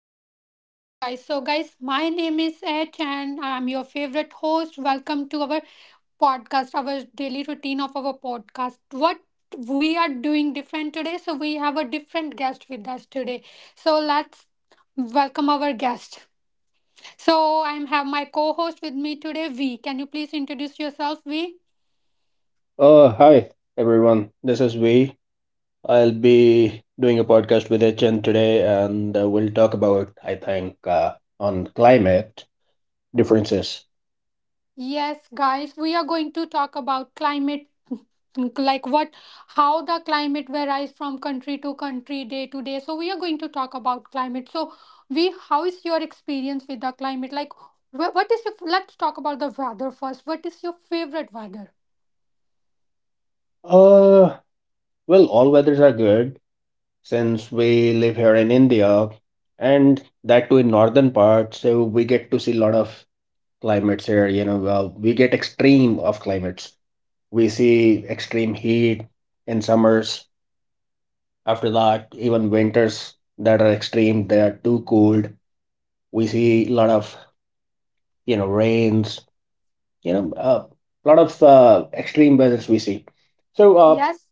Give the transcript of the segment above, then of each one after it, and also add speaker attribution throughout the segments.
Speaker 1: How are you guys? So guys, my name is Et and I'm your favorite host. Welcome to our podcast, our daily routine of our podcast. What we are doing different today, so we have a different guest with us today. So let's welcome our guest. So I am have my co-host with me today, V. Can you please introduce yourself, V?
Speaker 2: Hi everyone, this is V. I'll be doing a podcast with HN today, and we'll talk about, I think, on climate differences.
Speaker 1: Yes, guys, we are going to talk about climate, like what, how the climate varies from country to country, day to day. So we are going to talk about climate. So we, how is your experience with the climate? Like, what is your? Let's talk about the weather first. What is your favorite weather?
Speaker 2: Uh, well, all weathers are good since we live here in India, and that too in northern part, so we get to see a lot of climates here. You know, we get extreme of climates. We see extreme heat in summers. After that, even winters that are extreme, they are too cold. We see a lot of, you know, rains, you know, a lot of extreme weathers we see. So uh,
Speaker 1: Yes.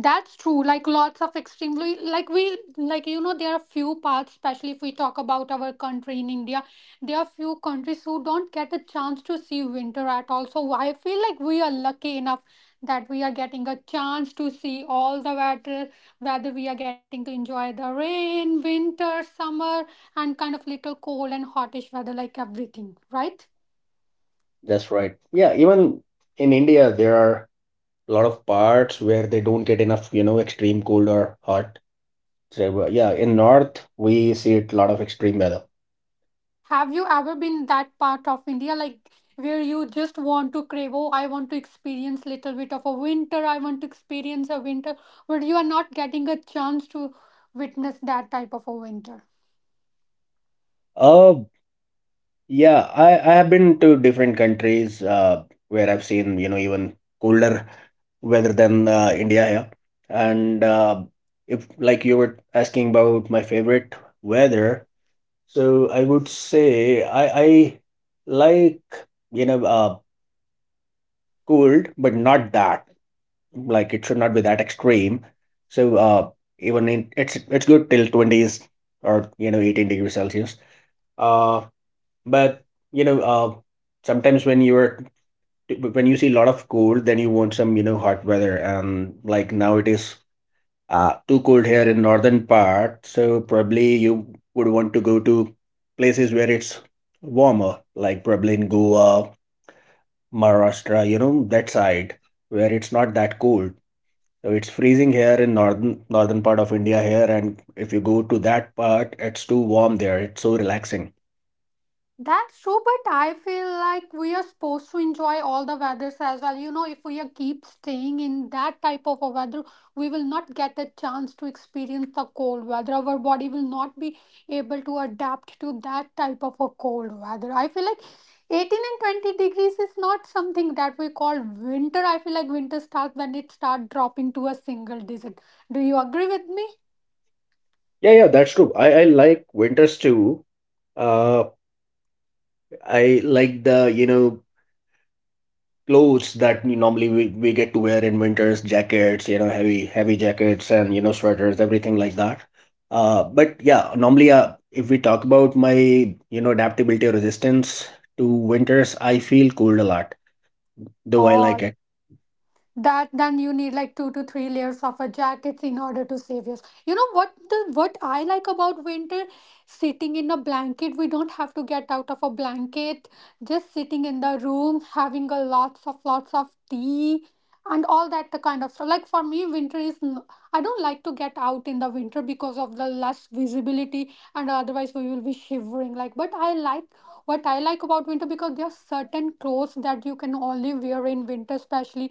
Speaker 1: That's true. Like lots of extremely, like we, like you know, there are few parts, especially if we talk about our country in India, there are few countries who don't get a chance to see winter at all. So I feel like we are lucky enough that we are getting a chance to see all the weather, whether we are getting to enjoy the rain, winter, summer, and kind of little cold and hotish weather, like everything, right?
Speaker 2: that's right. Yeah, even in India, there are a lot of parts where they don't get enough, you know, extreme cold or hot. So yeah, in north we see a lot of extreme weather.
Speaker 1: Have you ever been that part of India, like where you just want to crave, oh, I want to experience little bit of a winter, I want to experience a winter, but you are not getting a chance to witness that type of a winter?
Speaker 2: Uh, Yeah, I have been to different countries where I've seen, you know, even colder weather than India here. And if, like, you were asking about my favorite weather, so I would say I like, you know, cold, but not that. Like, it should not be that extreme. So, even in, it's good till 20s or, you know, 18 degrees Celsius. Uh, but you know, sometimes when you're when you see a lot of cold, then you want some, you know, hot weather. And like now it is too cold here in northern part, so probably you would want to go to places where it's warmer, like probably in Goa, Maharashtra, you know, that side where it's not that cold. So it's freezing here in northern part of India here, and if you go to that part, it's too warm there. It's so relaxing.
Speaker 1: That's true, but I feel like we are supposed to enjoy all the weathers as well. You know, if we are keep staying in that type of a weather, we will not get a chance to experience the cold weather. Our body will not be able to adapt to that type of a cold weather. I feel like 18 and 20 degrees is not something that we call winter. I feel like winter starts when it starts dropping to a single digit. Do you agree with me?
Speaker 2: Yeah, yeah, that's true. I like winters too. Uh, I like the, you know, clothes that we normally we get to wear in winters, jackets, you know, heavy jackets and, you know, sweaters, everything like that. But yeah, normally if we talk about my, you know, adaptability or resistance to winters, I feel cold a lot, though I like
Speaker 1: All
Speaker 2: it.
Speaker 1: that then you need like two to three layers of a jackets in order to save yours, you know what I like about winter, sitting in a blanket. We don't have to get out of a blanket, just sitting in the room having a lots of tea and all that the kind of stuff. Like, for me winter is I don't like to get out in the winter because of the less visibility and otherwise we will be shivering, like. But I like, what I like about winter, because there are certain clothes that you can only wear in winter, especially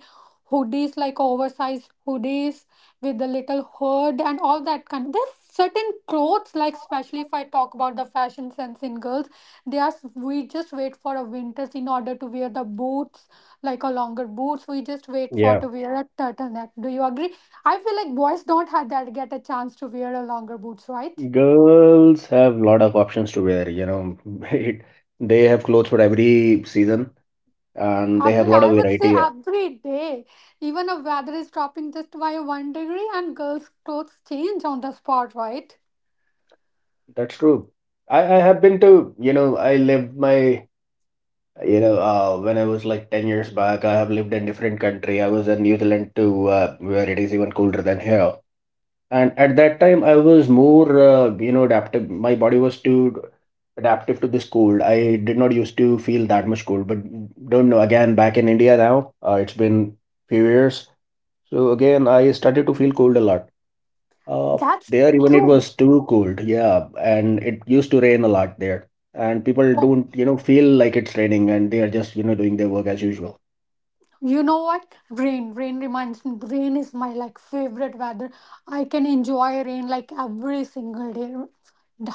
Speaker 1: hoodies, like oversized hoodies with the little hood and all that kind. There's certain clothes like, especially if I talk about the fashion sense in girls, they are, we just wait for a winters in order to wear the boots, like a longer boots. We just wait for
Speaker 2: Yeah,
Speaker 1: to wear a turtleneck. Do you agree? I feel like boys don't have that, get a chance to wear a longer boots, right?
Speaker 2: girls have lot of options to wear, you know. It, they have clothes for every season and they have
Speaker 1: Every,
Speaker 2: lot of
Speaker 1: I would say
Speaker 2: variety.
Speaker 1: every day, even if weather is dropping just by one degree, and girls clothes change on the spot, right?
Speaker 2: That's true. I have been to, you know, I lived my, you know, when I was like 10 years back, I have lived in different country. I was in New Zealand too, where it is even colder than here. And at that time, I was more, you know, adaptive. My body was too adaptive to this cold. I did not used to feel that much cold, but don't know. Again, back in India now, it's been few years. So again, I started to feel cold a lot. Uh,
Speaker 1: That's
Speaker 2: there even it
Speaker 1: true.
Speaker 2: was too cold, yeah, and it used to rain a lot there. And people
Speaker 1: Well,
Speaker 2: don't, you know, feel like it's raining and they are just, you know, doing their work as usual.
Speaker 1: you know what rain rain reminds me rain is my like favorite weather. I can enjoy rain like every single day.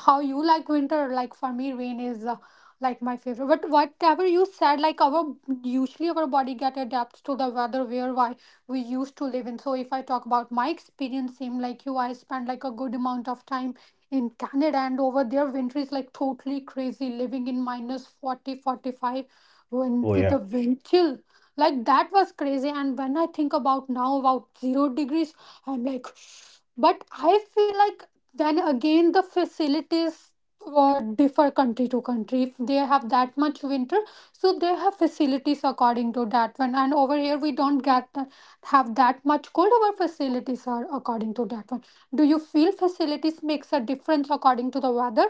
Speaker 1: How you like winter? Like, for me rain is like my favorite. But whatever you said, like our, usually our body get adapts to the weather where why we used to live in. So if I talk about my experience, same like you, I spent like a good amount of time in Canada, and over there winter is like totally crazy, living in minus 40, 45, when
Speaker 2: Oh,
Speaker 1: with
Speaker 2: yeah.
Speaker 1: the wind chill, like that was crazy. And when I think about now about 0 degrees, I'm like but I feel like then again the facilities differ country to country. If they have that much winter, so they have facilities according to that one, and over here we don't have that much cold. Our facilities are according to that one. Do you feel facilities makes a difference according to the weather?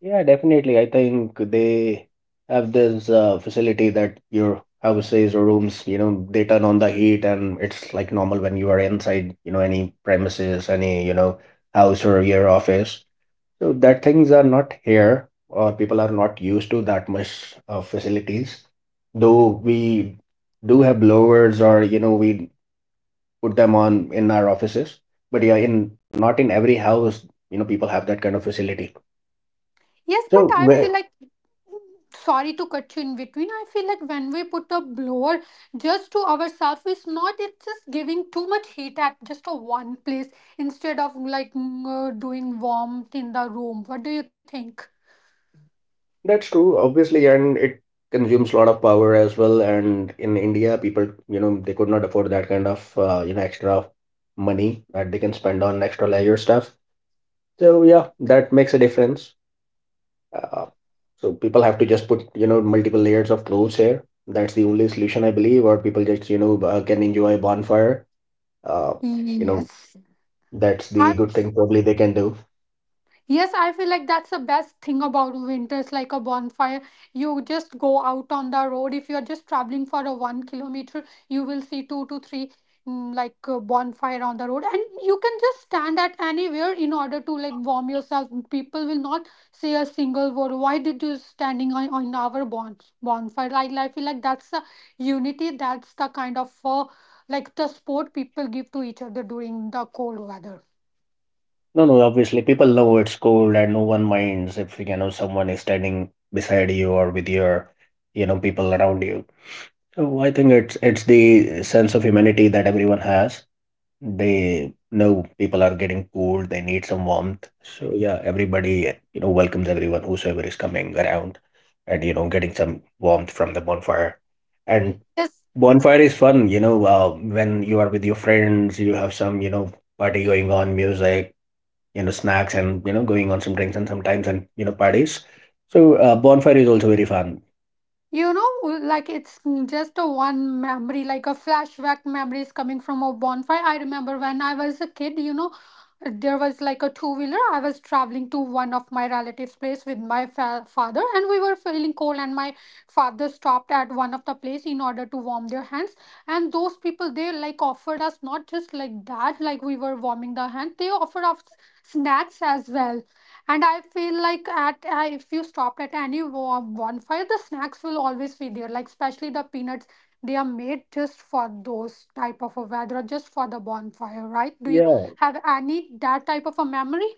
Speaker 2: Yeah, definitely. I think they have this facility that your houses or rooms, you know, they turn on the heat and it's like normal when you are inside, you know, any premises, any, you know, house or your office. So that things are not here, or people are not used to that much facilities. Though we do have blowers, or, you know, we put them on in our offices. But yeah, in not in every house, you know, people have that kind of facility.
Speaker 1: Yes, but
Speaker 2: So
Speaker 1: I feel
Speaker 2: where,
Speaker 1: like, sorry to cut you in between. I feel like when we put a blower just to ourselves, it's not. It's just giving too much heat at just a one place instead of like doing warmth in the room. What do you think?
Speaker 2: that's true, obviously, and it consumes a lot of power as well. And in India, people, you know, they could not afford that kind of you know extra money that they can spend on extra leisure stuff. So yeah, that makes a difference. Uh, so people have to just put, you know, multiple layers of clothes here. That's the only solution I believe, or people just, you know, can enjoy bonfire. Uh, you know,
Speaker 1: Yes,
Speaker 2: that's the
Speaker 1: I
Speaker 2: good thing probably they can do.
Speaker 1: Yes, I feel like that's the best thing about winters, like a bonfire. You just go out on the road. If you're just traveling for a 1 kilometer, you will see two to three bonfire on the road, and you can just stand at anywhere in order to like warm yourself. People will not say a single word. Why did you standing on our bonfire? Like, I feel like that's the unity. That's the kind of like the sport people give to each other during the cold weather.
Speaker 2: No, no, obviously people know it's cold and no one minds if you know someone is standing beside you or with your you know people around you. So I think it's the sense of humanity that everyone has. They know people are getting cold, they need some warmth. So yeah, everybody, eh, you know, welcomes everyone, whosoever is coming around and, you know, getting some warmth from the bonfire. And
Speaker 1: Yes.
Speaker 2: bonfire is fun, you know, when you are with your friends, you have some, you know, party going on, music, you know, snacks and, you know, going on some drinks and sometimes and, you know, parties. So bonfire is also very fun.
Speaker 1: You know, like it's just a one memory, like a flashback memories coming from a bonfire. I remember when I was a kid, you know, there was like a two wheeler. I was traveling to one of my relatives' place with my father, and we were feeling cold. And my father stopped at one of the place in order to warm their hands. And those people, they like offered us not just like that, like we were warming the hand. They offered us snacks as well. And I feel like at if you stopped at any bonfire, the snacks will always be there. Like especially the peanuts, they are made just for those type of a weather, or just for the bonfire, right? Do you
Speaker 2: Yeah.
Speaker 1: have any that type of a memory?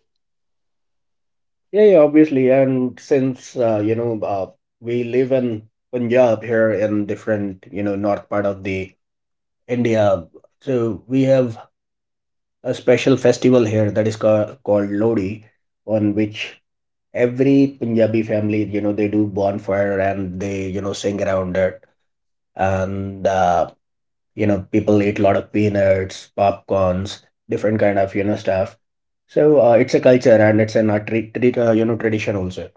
Speaker 2: Yeah, yeah, obviously. And since you know, we live in Punjab here in different, you know, north part of the India, so we have a special festival here that is ca called Lodi, on which every Punjabi family, you know, they do bonfire and they, you know, sing around it, and you know, people eat a lot of peanuts, popcorns, different kind of, you know, stuff. So it's a culture and it's an a you know, tradition also.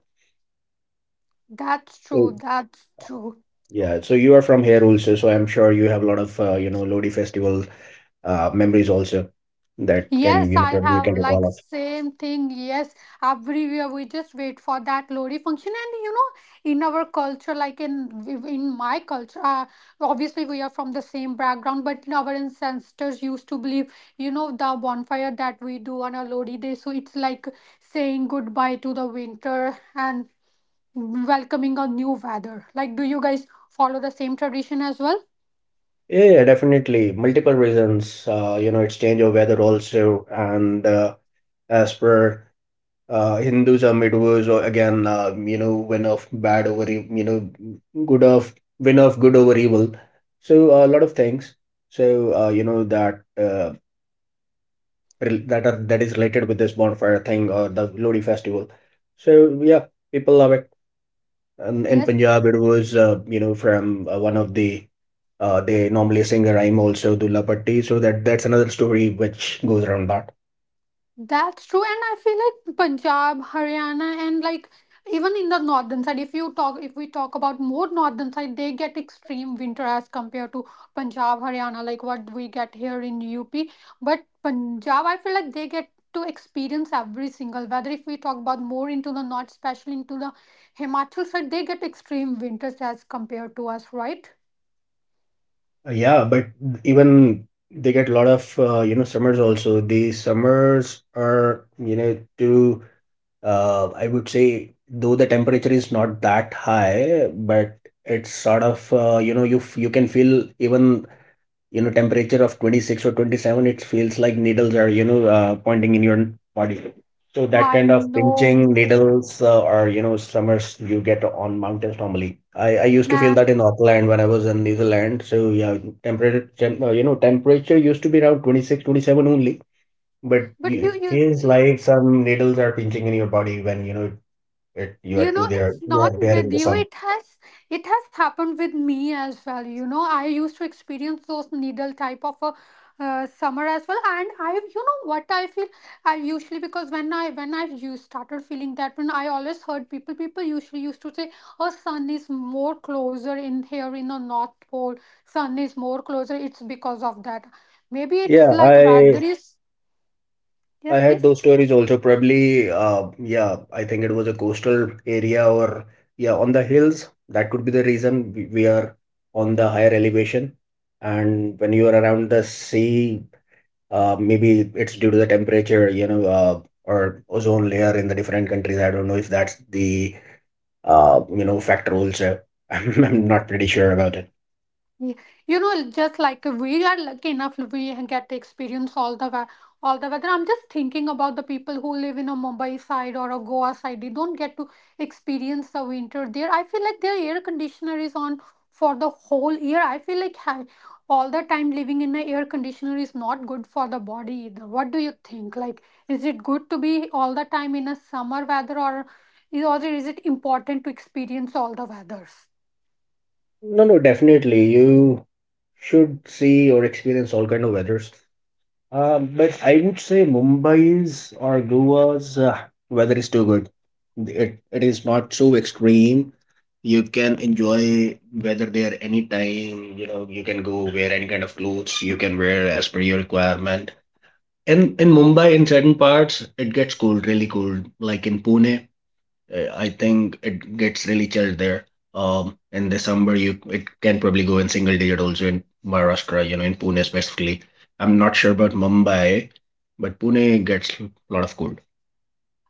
Speaker 1: That's true.
Speaker 2: So
Speaker 1: That's true.
Speaker 2: yeah, so you are from here also, so I'm sure you have a lot of you know Lodi festival memories also that can,
Speaker 1: Yes,
Speaker 2: you know,
Speaker 1: I
Speaker 2: probably you
Speaker 1: have
Speaker 2: can recall
Speaker 1: like
Speaker 2: of.
Speaker 1: same thing. Yes, everywhere we just wait for that lorry function. And you know, in our culture, like in my culture, obviously we are from the same background, but our ancestors used to believe, you know, the bonfire that we do on a lorry day. So it's like saying goodbye to the winter and welcoming a new weather. Like, do you guys follow the same tradition as well?
Speaker 2: Yeah, yeah, definitely multiple reasons. You know, it's change of weather also, and as per Hinduism, it was again, you know, win of bad over e- you know good of win of good over evil. So a lot of things. So you know that that are that is related with this bonfire thing or the Lodi festival. So yeah, people love it. And in
Speaker 1: Yes.
Speaker 2: Punjab, it was you know from one of the they normally sing a rhyme also Dulla Patti. So that's another story which goes around that.
Speaker 1: That's true, and I feel like Punjab, Haryana, and like even in the northern side, if you talk, if we talk about more northern side, they get extreme winter as compared to Punjab, Haryana, like what we get here in UP. But Punjab, I feel like they get to experience every single weather. If we talk about more into the north, especially into the Himachal side, they get extreme winters as compared to us, right?
Speaker 2: Yeah, but even they get a lot of you know summers also. The summers are, you know, to I would say though the temperature is not that high, but it's sort of you know you can feel even, you know, temperature of 26 or 27, it feels like needles are, you know, pointing in your body, so that
Speaker 1: I
Speaker 2: kind of
Speaker 1: know,
Speaker 2: pinching needles or you know summers you get on mountains normally. I used to feel
Speaker 1: man.
Speaker 2: that in Auckland when I was in New Zealand, so yeah, you know temperature used to be around 26, 27 only, but
Speaker 1: But
Speaker 2: you,
Speaker 1: you,
Speaker 2: it
Speaker 1: you
Speaker 2: feels like some needles are pinching in your body when you know, it you
Speaker 1: you
Speaker 2: are
Speaker 1: know
Speaker 2: too
Speaker 1: it's
Speaker 2: there, you
Speaker 1: not
Speaker 2: are there
Speaker 1: with
Speaker 2: in the
Speaker 1: you,
Speaker 2: sun.
Speaker 1: it has, it has happened with me as well. You know, I used to experience those needle type of a summer as well. And I, you know what I feel, I usually, because when I used started feeling that, when I always heard people usually used to say, oh sun is more closer in here in the north pole, sun is more closer, it's because of that. Maybe it's
Speaker 2: Yeah,
Speaker 1: like weather is, yes
Speaker 2: I had
Speaker 1: please.
Speaker 2: those stories also. Probably, yeah, I think it was a coastal area or, yeah, on the hills. That could be the reason we are on the higher elevation. And when you are around the sea, maybe it's due to the temperature, you know, or ozone layer in the different countries. I don't know if that's the, you know, factor also. I'm not pretty sure about it.
Speaker 1: Yeah. You know, just like we are lucky enough, we get to experience all the all the weather. I'm just thinking about the people who live in a Mumbai side or a Goa side. They don't get to experience the winter there. I feel like their air conditioner is on for the whole year. I feel like all the time living in an air conditioner is not good for the body either. What do you think? Like, is it good to be all the time in a summer weather, or is it important to experience all the weathers?
Speaker 2: No, no, definitely. You should see or experience all kind of weathers. But I would say Mumbai's or Goa's weather is too good. It is not so extreme. You can enjoy weather there anytime. You know, you can go wear any kind of clothes you can wear as per your requirement. In Mumbai, in certain parts, it gets cold, really cold. Like in Pune, I think it gets really chilled there. In December, you it can probably go in single digit also in Maharashtra, you know, in Pune specifically. I'm not sure about Mumbai, but Pune gets a lot of cold.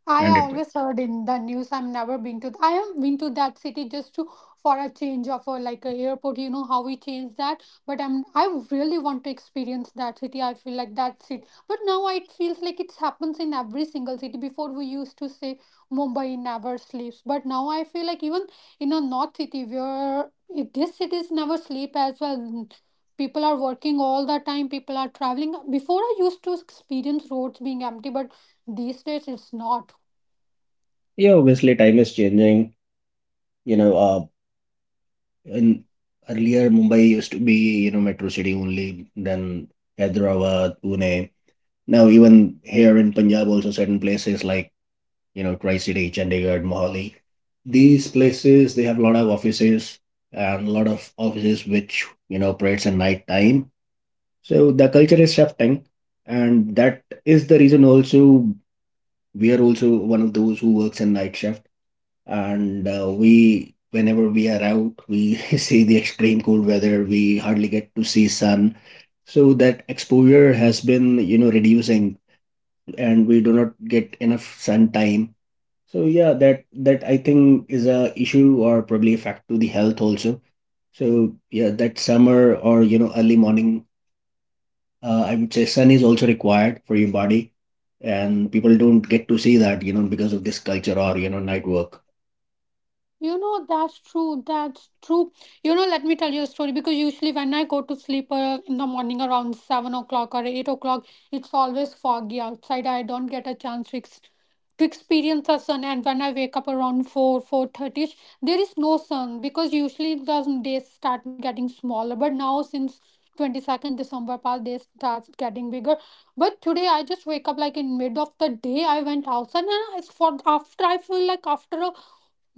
Speaker 1: I
Speaker 2: And it,
Speaker 1: always heard in the news. I've never been to. I have been to that city just to, for a change of a, like a airport. You know how we change that, but I really want to experience that city. I feel like that's it. But now it feels like it happens in every single city. Before we used to say Mumbai never sleeps, but now I feel like even in a north city where it, this cities never sleep as well. People are working all the time. People are traveling. Before I used to experience roads being empty, but these days it's not.
Speaker 2: yeah, obviously time is changing. You know, in earlier Mumbai used to be, you know, metro city only, then Hyderabad, Pune. Now even here in Punjab, also certain places like, you know, Tri-City, Chandigarh, Mohali. These places, they have a lot of offices and a lot of offices which, you know, operates at night time. So the culture is shifting and that is the reason also we are also one of those who works in night shift, and we whenever we are out we see the extreme cold weather, we hardly get to see sun, so that exposure has been, you know, reducing, and we do not get enough sun time. So yeah, that that I think is a issue or probably a fact to the health also. So yeah, that summer or early morning, I would say sun is also required for your body, and people don't get to see that because of this culture or night work.
Speaker 1: You know, that's true. That's true. You know, let me tell you a story because usually when I go to sleep in the morning around 7 o'clock or 8 o'clock, it's always foggy outside. I don't get a chance to, to experience the sun. And when I wake up around 4, 4:30-ish, there is no sun because usually the days start getting smaller. But now since 22nd December past, they start getting bigger. But today I just wake up like in mid of the day. I went outside and it's for after I feel like after a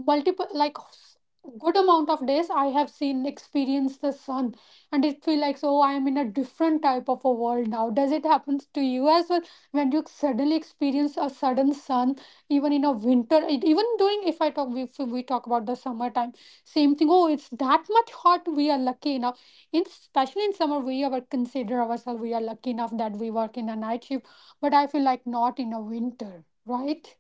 Speaker 1: multiple good amount of days I have seen experience the sun, and it feel like so I am in a different type of a world now. Does it happen to you as well when you suddenly experience a sudden sun, even in a winter? Even during, if we talk about the summertime, same thing. Oh, it's that much hot. We are lucky now, in especially in summer we ever consider ourselves we are lucky enough that we work in a night shift, but I feel like not in a winter, right?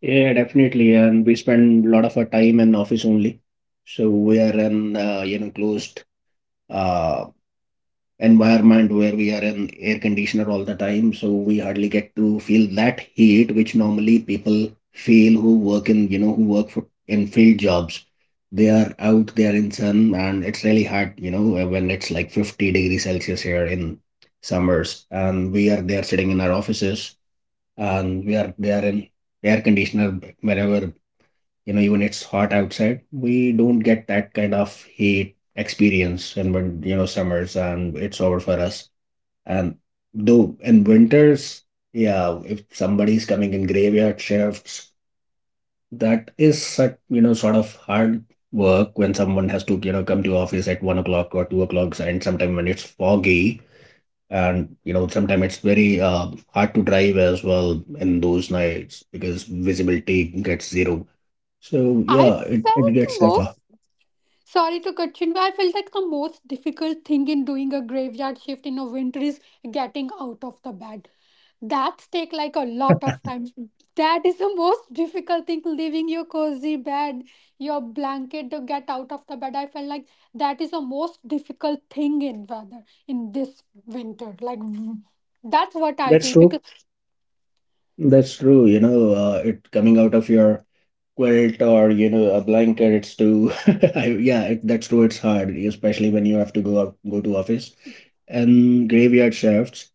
Speaker 2: Yeah, definitely, and we spend a lot of our time in office only, so we are in closed uh, environment where we are in air conditioner all the time, so we hardly get to feel that heat which normally people feel who work in who work for, in field jobs. They are out, they are in sun, and it's really hard when it's like 50 degrees celsius here in summers and we are there sitting in our offices, and we are they are in air conditioner. Whenever, even it's hot outside, we don't get that kind of heat experience. And when summers and it's over for us, and though in winters, yeah, if somebody is coming in graveyard shifts, that is such, you know, sort of hard work when someone has to, you know, come to office at 1 o'clock or 2 o'clock, and sometime when it's foggy, and you know, sometimes it's very hard to drive as well in those nights because visibility gets zero. So
Speaker 1: I
Speaker 2: yeah, it
Speaker 1: felt
Speaker 2: gets tougher.
Speaker 1: most Sorry to cut you in, but I felt like the most difficult thing in doing a graveyard shift in a winter is getting out of the bed. That's take like a lot of time. That is the most difficult thing, leaving your cozy bed, your blanket to get out of the bed. I felt like that is the most difficult thing in weather in this winter. Like that's what I
Speaker 2: That's
Speaker 1: feel
Speaker 2: true.
Speaker 1: because
Speaker 2: That's true. You know, it coming out of your quilt or a blanket. It's too, yeah. That's true. It's hard, especially when you have to go out, go to office and graveyard shifts.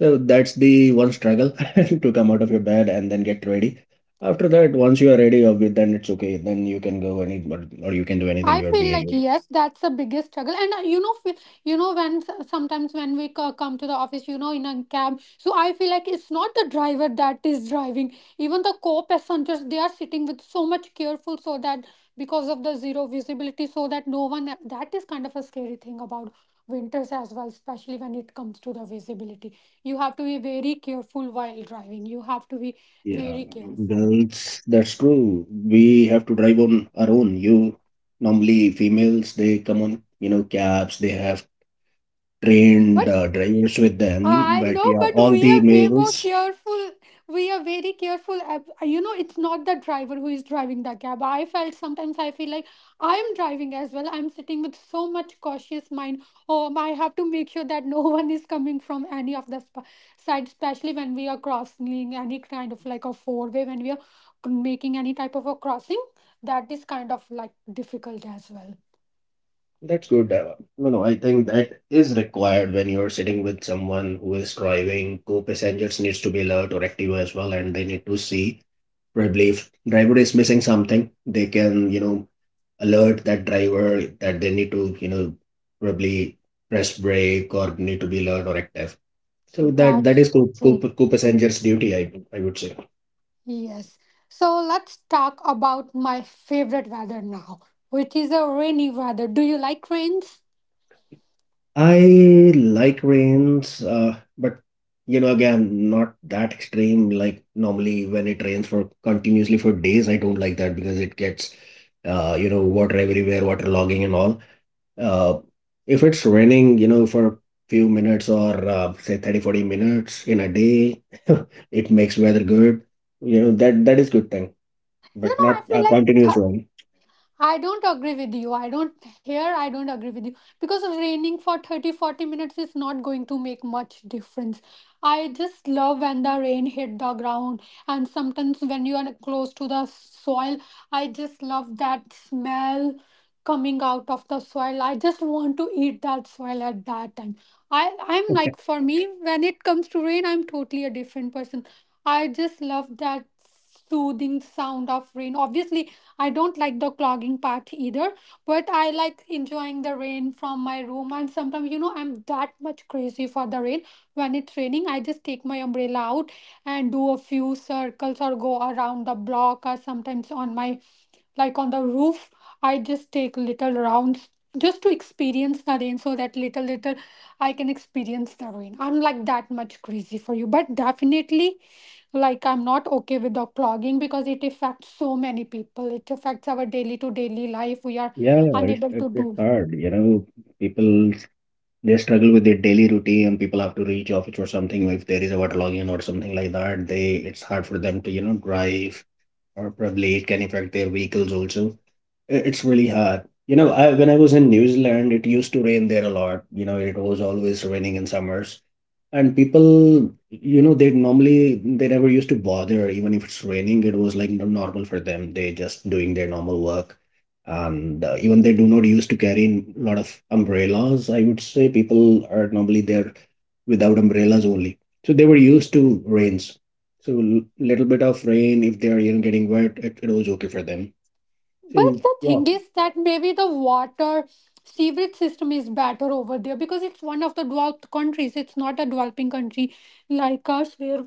Speaker 2: So that's the one struggle to come out of your bed and then get ready. After that, once you are ready, then it's okay. Then you can go any or you can do anything.
Speaker 1: I
Speaker 2: You're
Speaker 1: feel like
Speaker 2: BA.
Speaker 1: yes, that's the biggest struggle. And when sometimes when we come to the office, you know, in a cab, so I feel like it's not the driver that is driving. Even the co-passengers, they are sitting with so much careful, so that because of the zero visibility, so that no one. That is kind of a scary thing about winters as well, especially when it comes to the visibility. You have to be very careful while driving. You have to be
Speaker 2: Yeah,
Speaker 1: very careful.
Speaker 2: girls, that's true. We have to drive on our own. You normally females, they come on, you know, cabs. They have trained
Speaker 1: But,
Speaker 2: drivers with them.
Speaker 1: I
Speaker 2: But
Speaker 1: know,
Speaker 2: yeah,
Speaker 1: but
Speaker 2: all
Speaker 1: we
Speaker 2: the
Speaker 1: are way more
Speaker 2: males.
Speaker 1: careful. We are very careful. You know, it's not the driver who is driving the cab. I felt sometimes I feel like I'm driving as well. I'm sitting with so much cautious mind. Oh, I have to make sure that no one is coming from any of the side, especially when we are crossing any kind of like a four-way, when we are making any type of a crossing. That is kind of like difficult as well.
Speaker 2: That's good. No, no, I think that is required when you're sitting with someone who is driving. Co-passengers needs to be alert or active as well, and they need to see probably if driver is missing something, they can you know alert that driver that they need to you know probably press brake or need to be alert or active. So that
Speaker 1: That's
Speaker 2: is co-passenger's duty, I would say.
Speaker 1: Yes. So let's talk about my favorite weather now, which is a rainy weather. Do you like rains?
Speaker 2: I like rains but you know again not that extreme. Like normally when it rains for continuously for days, I don't like that because it gets you know water everywhere, water logging and all. uh, if it's raining you know for a few minutes or say 30, 40 minutes in a day, it makes weather good. You know, that is good thing,
Speaker 1: You
Speaker 2: but
Speaker 1: know,
Speaker 2: not
Speaker 1: I feel
Speaker 2: a
Speaker 1: like
Speaker 2: continuous one.
Speaker 1: I don't agree with you. I don't here I don't agree with you because raining for 30, 40 minutes is not going to make much difference. I just love when the rain hit the ground, and sometimes when you are close to the soil, I just love that smell coming out of the soil. I just want to eat that soil at that time. I'm like for me when it comes to rain, I'm totally a different person. I just love that soothing sound of rain. Obviously, I don't like the clogging part either, but I like enjoying the rain from my room. And sometimes, you know, I'm that much crazy for the rain. When it's raining, I just take my umbrella out and do a few circles or go around the block or sometimes on my like on the roof. I just take little rounds just to experience the rain so that little little I can experience the rain. I'm like that much crazy for you. But definitely, like, I'm not okay with the clogging because it affects so many people. It affects our daily to daily life. We are
Speaker 2: Yeah, it,
Speaker 1: unable
Speaker 2: it,
Speaker 1: to do.
Speaker 2: it's hard you know. People, they struggle with their daily routine. People have to reach office or something. If there is a water login or something like that, they it's hard for them to you know drive, or probably it can affect their vehicles also. It's really hard. You know, when I was in New Zealand, it used to rain there a lot. You know, it was always raining in summers. And people, you know, they normally, they never used to bother. Even if it's raining, it was like normal for them. They just doing their normal work. And even they do not used to carry a lot of umbrellas. I would say people are normally there without umbrellas only. So they were used to rains. So little bit of rain, if they are, you know, getting wet, it was okay for them. So
Speaker 1: But the
Speaker 2: yeah.
Speaker 1: thing is that maybe the water sewage system is better over there because it's one of the developed countries. It's not a developing country like us where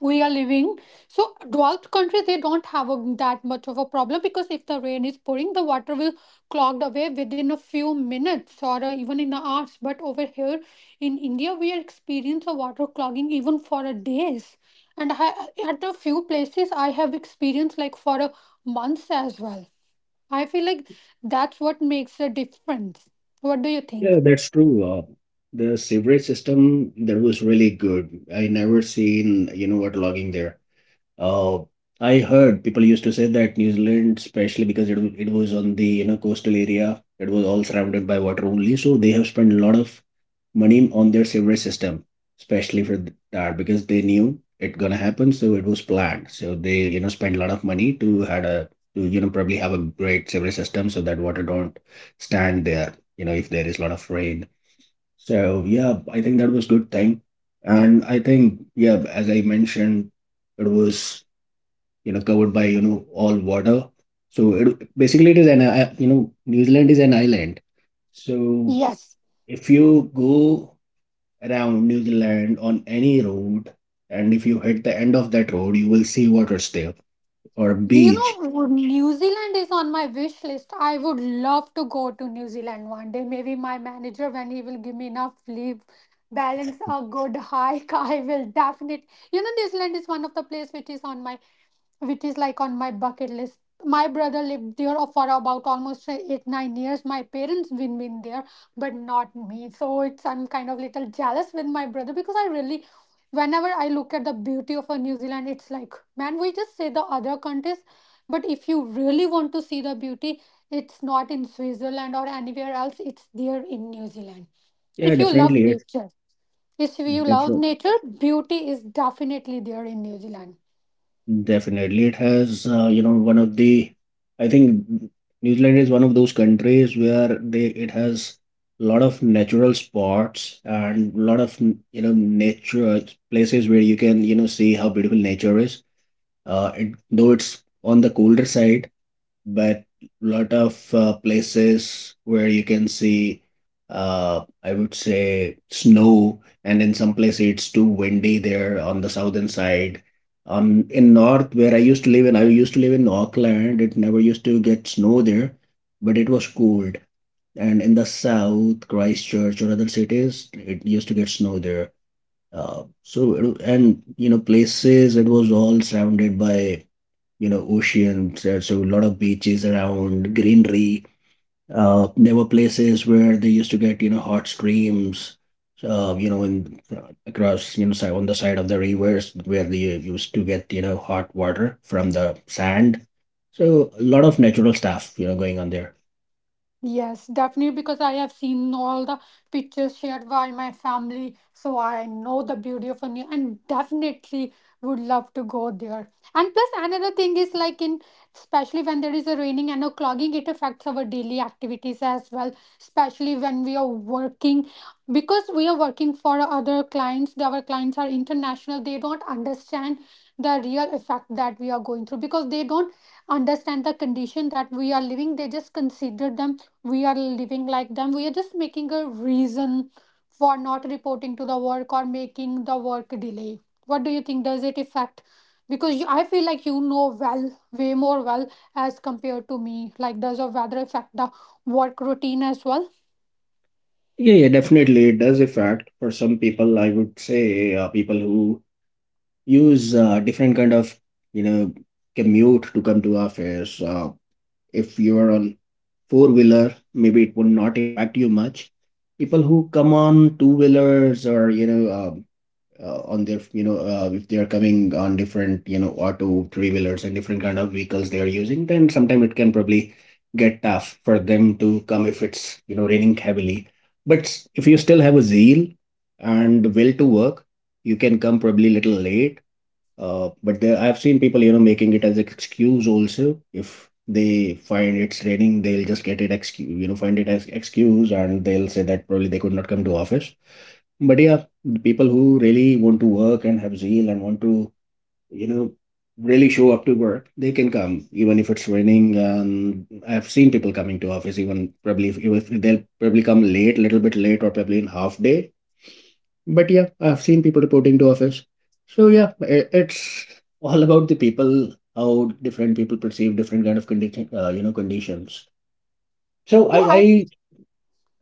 Speaker 1: we are living. So drought country, they don't have a, that much of a problem because if the rain is pouring the water will clogged away within a few minutes or even in the hours. But over here in India, we are experiencing a water clogging even for a days, and I, at a few places I have experienced like for a months as well. I feel like that's what makes a difference. What do you think?
Speaker 2: Yeah, that's true. The sewerage system there was really good. I never seen, you know what, logging there. Uh, I heard people used to say that New Zealand, especially because it was on the, you know, coastal area, it was all surrounded by water only. So they have spent a lot of money on their sewerage system, especially for that, because they knew it gonna happen, so it was planned. So they, you know, spent a lot of money to had a to, you know, probably have a great sewerage system so that water don't stand there, you know, if there is a lot of rain. So yeah, I think that was good thing, and I think yeah, as I mentioned, it was you know covered by you know all water. So it basically it is an you know New Zealand is an island. So
Speaker 1: Yes.
Speaker 2: if you go around New Zealand on any road, and if you hit the end of that road, you will see water there or
Speaker 1: You
Speaker 2: beach.
Speaker 1: know, New Zealand is on my wish list. I would love to go to New Zealand one day. Maybe my manager, when he will give me enough leave, balance a good hike, I will definitely. You know, New Zealand is one of the place which is on my which is like on my bucket list. My brother lived there for about almost 8, 9 years. My parents been there, but not me. So it's I'm kind of little jealous with my brother because I really, whenever I look at the beauty of a New Zealand, it's like man, we just say the other countries, but if you really want to see the beauty, it's not in Switzerland or anywhere else. It's there in New Zealand.
Speaker 2: Yeah,
Speaker 1: If you love
Speaker 2: definitely it's
Speaker 1: nature, if you love
Speaker 2: different.
Speaker 1: nature, beauty is definitely there in New Zealand.
Speaker 2: Definitely, it has, you know, one of the, I think New Zealand is one of those countries where they it has a lot of natural spots and a lot of you know nature places where you can you know see how beautiful nature is. Though it's on the colder side, but lot of places where you can see I would say snow, and in some places it's too windy there on the southern side. On in north, where I used to live in Auckland, it never used to get snow there, but it was cold. And in the south, Christchurch or other cities, it used to get snow there. So and you know places it was all surrounded by you know oceans. So a lot of beaches around, greenery. There were places where they used to get you know hot streams, in across you know on the side of the rivers where they used to get you know hot water from the sand. So a lot of natural stuff you know going on there.
Speaker 1: Yes, definitely, because I have seen all the pictures shared by my family, so I know the beauty of India and definitely would love to go there. And plus, another thing is like in especially when there is a raining and a clogging, it affects our daily activities as well, especially when we are working because we are working for other clients. Our clients are international, they don't understand the real effect that we are going through because they don't understand the condition that we are living, they just consider them we are living like them. We are just making a reason for not reporting to the work or making the work delay. What do you think, does it affect, because you, I feel like you know well way more well as compared to me, like does the weather affect the work routine as well?
Speaker 2: Yeah, yeah, definitely it does affect. For some people, I would say, people who use different kind of you know commute to come to office, if you are on four wheeler, maybe it would not impact you much. People who come on two wheelers or you know on their you know if they are coming on different you know auto three wheelers and different kind of vehicles they are using, then sometimes it can probably get tough for them to come if it's you know raining heavily. But if you still have a zeal and will to work, you can come probably little late, but there, I've seen people, you know, making it as excuse also. If they find it's raining, they'll just get it excuse, you know, find it as excuse, and they'll say that probably they could not come to office. But yeah, the people who really want to work and have zeal and want to, you know, really show up to work, they can come even if it's raining. And I've seen people coming to office even probably if they'll probably come late, little bit late, or probably in half day. But yeah, I've seen people reporting to office. So yeah, it's all about the people, how different people perceive different kind of condition, you know, conditions. So
Speaker 1: So I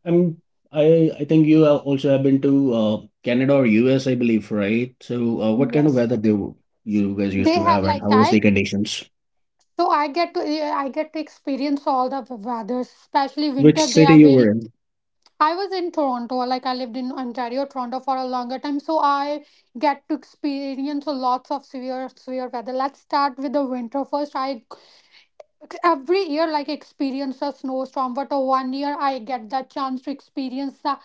Speaker 2: am, I think you have also have been to Canada or US, I believe, right? So what kind of
Speaker 1: Yes,
Speaker 2: weather do you guys used
Speaker 1: they
Speaker 2: to
Speaker 1: have
Speaker 2: have, and
Speaker 1: like
Speaker 2: how was the
Speaker 1: I
Speaker 2: conditions?
Speaker 1: so I get to experience all the weather, especially
Speaker 2: Which
Speaker 1: winter they
Speaker 2: city
Speaker 1: are
Speaker 2: you were
Speaker 1: very,
Speaker 2: in?
Speaker 1: I was in Toronto, like I lived in Ontario, Toronto for a longer time, so I get to experience a lots of severe, severe weather. Let's start with the winter first. I every year like experience a snowstorm, but a one year I get that chance to experience the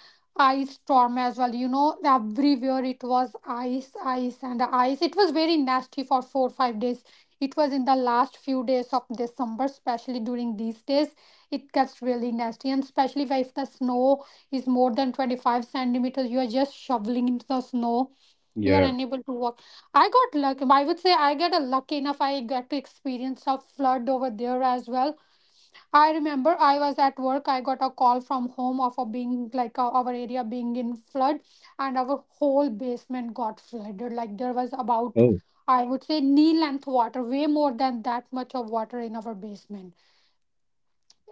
Speaker 1: ice storm as well. You know everywhere it was ice, ice and ice. It was very nasty for 4, 5 days. It was in the last few days of December. Especially during these days it gets really nasty, and especially if the snow is more than 25 centimeters, you are just shoveling into the snow, you are
Speaker 2: Yeah.
Speaker 1: unable to walk. I got lucky. I would say I get a lucky enough. I get to experience a flood over there as well. I remember I was at work. I got a call from home of a being like our area being in flood, and our whole basement got flooded. Like there was about,
Speaker 2: Oh,
Speaker 1: I would say knee length water, way more than that much of water in our basement.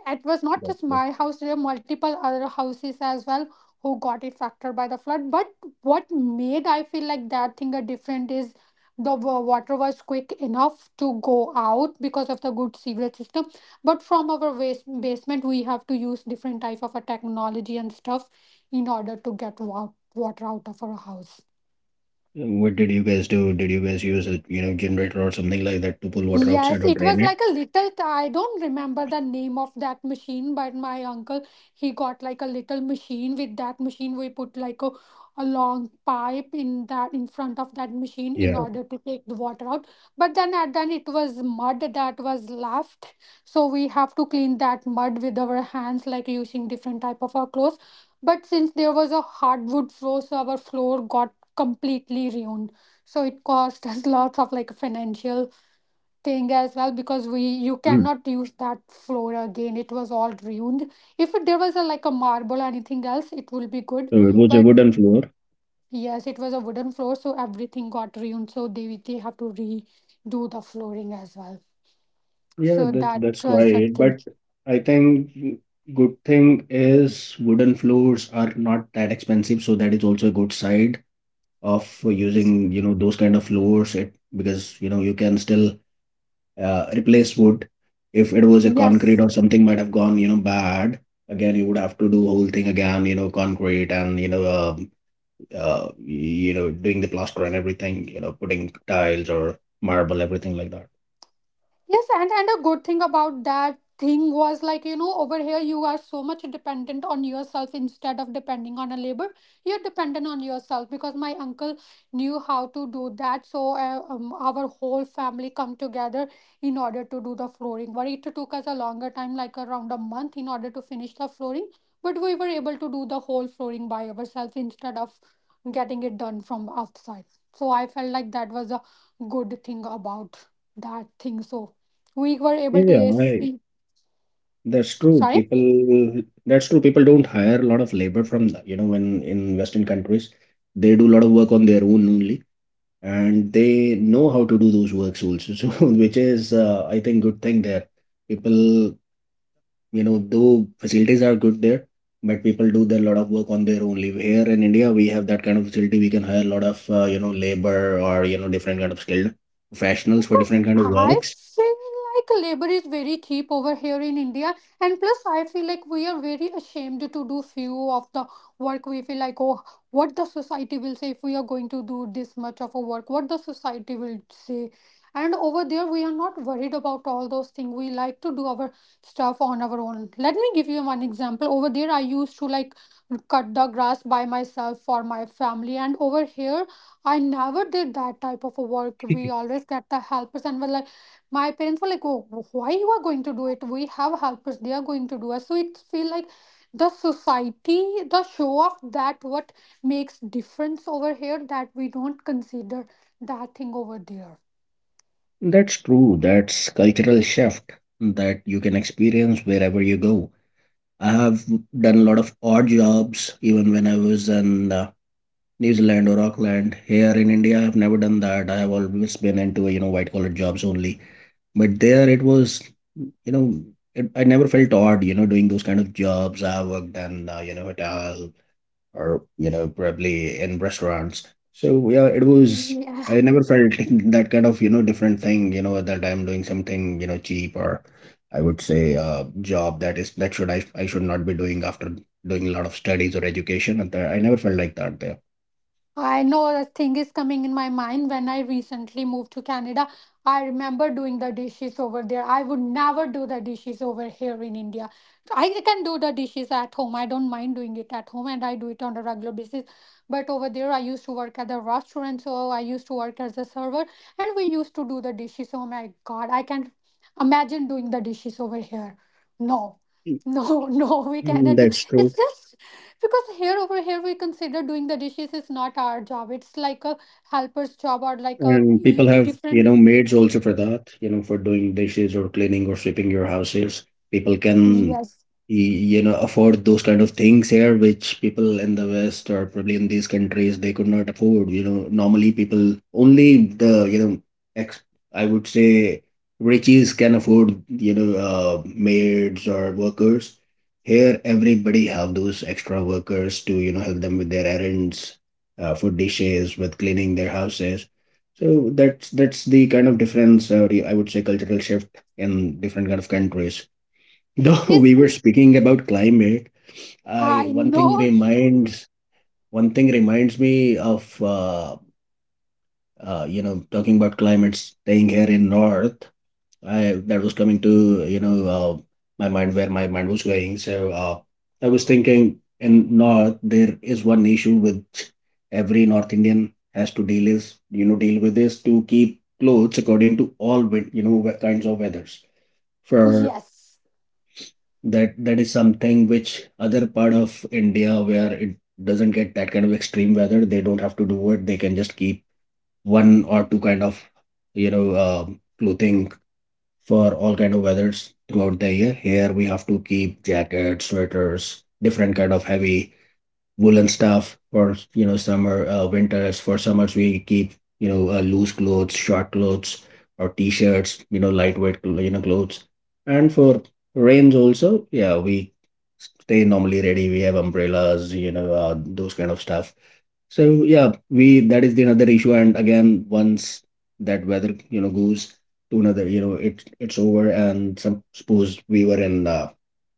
Speaker 1: It was not
Speaker 2: that's
Speaker 1: just
Speaker 2: good.
Speaker 1: my house, there were multiple other houses as well who got affected by the flood. But what made I feel like that thing a different is the water was quick enough to go out because of the good sewage system. But from our waste basement, we have to use different type of a technology and stuff in order to get water out of our house.
Speaker 2: And what did you guys do? Did you guys use a, you know, generator or something like that to pull water outside
Speaker 1: Yes,
Speaker 2: or
Speaker 1: it
Speaker 2: drain
Speaker 1: was
Speaker 2: it?
Speaker 1: like a little. I don't remember the name of that machine, but my uncle he got like a little machine. With that machine, we put like a long pipe in that in front of that machine in
Speaker 2: Yeah.
Speaker 1: order to take the water out. But then at then it was mud that was left, so we have to clean that mud with our hands, like using different type of our clothes. But since there was a hardwood floor, so our floor got completely ruined. So it cost us lots of like financial thing as well, because we you cannot use that floor again, it was all ruined. If it- There was a like a marble or anything else it will be good,
Speaker 2: So it was a
Speaker 1: but
Speaker 2: wooden floor.
Speaker 1: yes it was a wooden floor, so everything got ruined, so they have to redo the flooring as well.
Speaker 2: Yeah,
Speaker 1: So
Speaker 2: that's
Speaker 1: that
Speaker 2: that's
Speaker 1: was a
Speaker 2: right. But
Speaker 1: thing.
Speaker 2: I think good thing is wooden floors are not that expensive, so that is also a good side of using, you know, those kind of floors. It because, you know, you can still replace wood. If it was a concrete
Speaker 1: Yes,
Speaker 2: or something might have gone, you know, bad. Again, you would have to do whole thing again, you know, concrete and, you know, doing the plaster and everything, you know, putting tiles or marble, everything like that.
Speaker 1: yes, and a good thing about that thing was like you know over here you are so much dependent on yourself instead of depending on a labor. You're dependent on yourself because my uncle knew how to do that. So our whole family come together in order to do the flooring. But it took us a longer time, like around a month, in order to finish the flooring. But we were able to do the whole flooring by ourselves instead of getting it done from outside. So I felt like that was a good thing about that thing, so we were able
Speaker 2: Yeah,
Speaker 1: to,
Speaker 2: yeah,
Speaker 1: yes,
Speaker 2: I That's true.
Speaker 1: sorry.
Speaker 2: People, that's true. People don't hire a lot of labor from the, you know, when in Western countries, they do a lot of work on their own only, and they know how to do those works also. So, which is, I think, good thing there. People, you know, though facilities are good there, but people do their lot of work on their own leave. Here in India, we have that kind of facility. We can hire a lot of, you know, labor or you know, different kind of skilled professionals for
Speaker 1: Because
Speaker 2: different kind of
Speaker 1: I
Speaker 2: works.
Speaker 1: feel like labor is very cheap over here in India, and plus I feel like we are very ashamed to do few of the work. We feel like, oh, what the society will say if we are going to do this much of a work, what the society will say. And over there we are not worried about all those things. We like to do our stuff on our own. Let me give you one example. Over there I used to like cut the grass by myself for my family, and over here I never did that type of a work. We always get the helpers, and were like, my parents were like, "Oh, why you are going to do it? We have helpers; they are going to do us." So it feel like the society, the show off, that what makes difference over here, that we don't consider that thing over there.
Speaker 2: That's true. That's cultural shift that you can experience wherever you go. I have done a lot of odd jobs even when I was in New Zealand or Auckland. Here in India, I've never done that. I have always been into white collar jobs only. But there, it was you know I never felt odd doing those kind of jobs. I worked in hotel, or probably in restaurants, so yeah, it was,
Speaker 1: Yeah.
Speaker 2: I never felt that kind of different thing, that I'm doing something cheap, or I would say, a job that is that I should not be doing after doing a lot of studies or education. And that, I never felt like that there.
Speaker 1: I know a thing is coming in my mind when I recently moved to Canada. I remember doing the dishes over there. I would never do the dishes over here in India. I can do the dishes at home. I don't mind doing it at home, and I do it on a regular basis. But over there, I used to work at the restaurant, so I used to work as a server, and we used to do the dishes. Oh my God, I can't imagine doing the dishes over here. No, no, no, we
Speaker 2: Mm,
Speaker 1: cannot do.
Speaker 2: that's
Speaker 1: It's
Speaker 2: true.
Speaker 1: just because here over here we consider doing the dishes is not our job, it's like a helper's job, or like a
Speaker 2: And people have, you
Speaker 1: different.
Speaker 2: know, maids also for that, you know, for doing dishes or cleaning or sweeping your houses. People can,
Speaker 1: Yes,
Speaker 2: you know, afford those kind of things here, which people in the West or probably in these countries they could not afford. You know, normally people only the, you know, ex I would say riches can afford, you know, maids or workers. Here, everybody have those extra workers to, you know, help them with their errands, for dishes, with cleaning their houses. So that's the kind of difference, I would say, cultural shift in different kind of countries. Though
Speaker 1: yes,
Speaker 2: we were speaking about climate,
Speaker 1: I
Speaker 2: I
Speaker 1: know,
Speaker 2: one thing reminds me of you know, talking about climate staying here in North. I That was coming to, you know, my mind, where my mind was going. So I was thinking, in North there is one issue which every North Indian has to deal with, is to keep clothes according to all kinds of weathers. For
Speaker 1: yes.
Speaker 2: that, that is something which other part of India, where it doesn't get that kind of extreme weather, they don't have to do it. They can just keep one or two kind of you know uh, clothing for all kind of weathers throughout the year. Here we have to keep jackets, sweaters, different kind of heavy woolen stuff for summer, winters. For summers we keep loose clothes, short clothes, or t-shirts. You know, lightweight clothes. And for rains also, yeah, we stay normally ready. We have umbrellas, those kind of stuff. So yeah, we that is the another issue. And again, once that weather, you know, goes to another, you know, it's over. And some, suppose we were in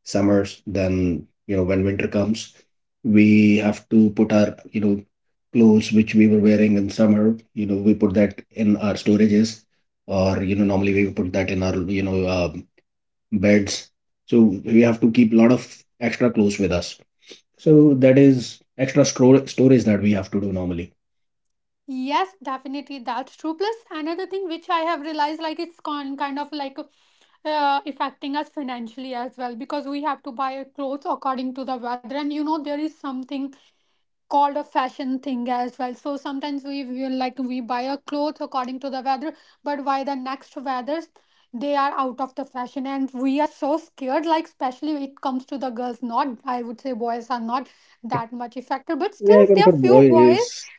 Speaker 2: summers, then you know, when winter comes, we have to put our, you know, clothes which we were wearing in summer. You know, we put that in our storages, or you know, normally we put that in our beds. So we have to keep a lot of extra clothes with us. So that is extra store storage that we have to do normally.
Speaker 1: Yes, definitely. That's true. Plus, another thing which I have realized, like it's con kind of like, affecting us financially as well, because we have to buy clothes according to the weather. And you know, there is something called a fashion thing as well. So sometimes we will like we buy a clothes according to the weather, but why the next weathers they are out of the fashion, and we are so scared, like especially when it comes to the girls. Not, I would say, boys are not that much affected, but still
Speaker 2: Yeah, even
Speaker 1: there
Speaker 2: for
Speaker 1: are few boys
Speaker 2: boys,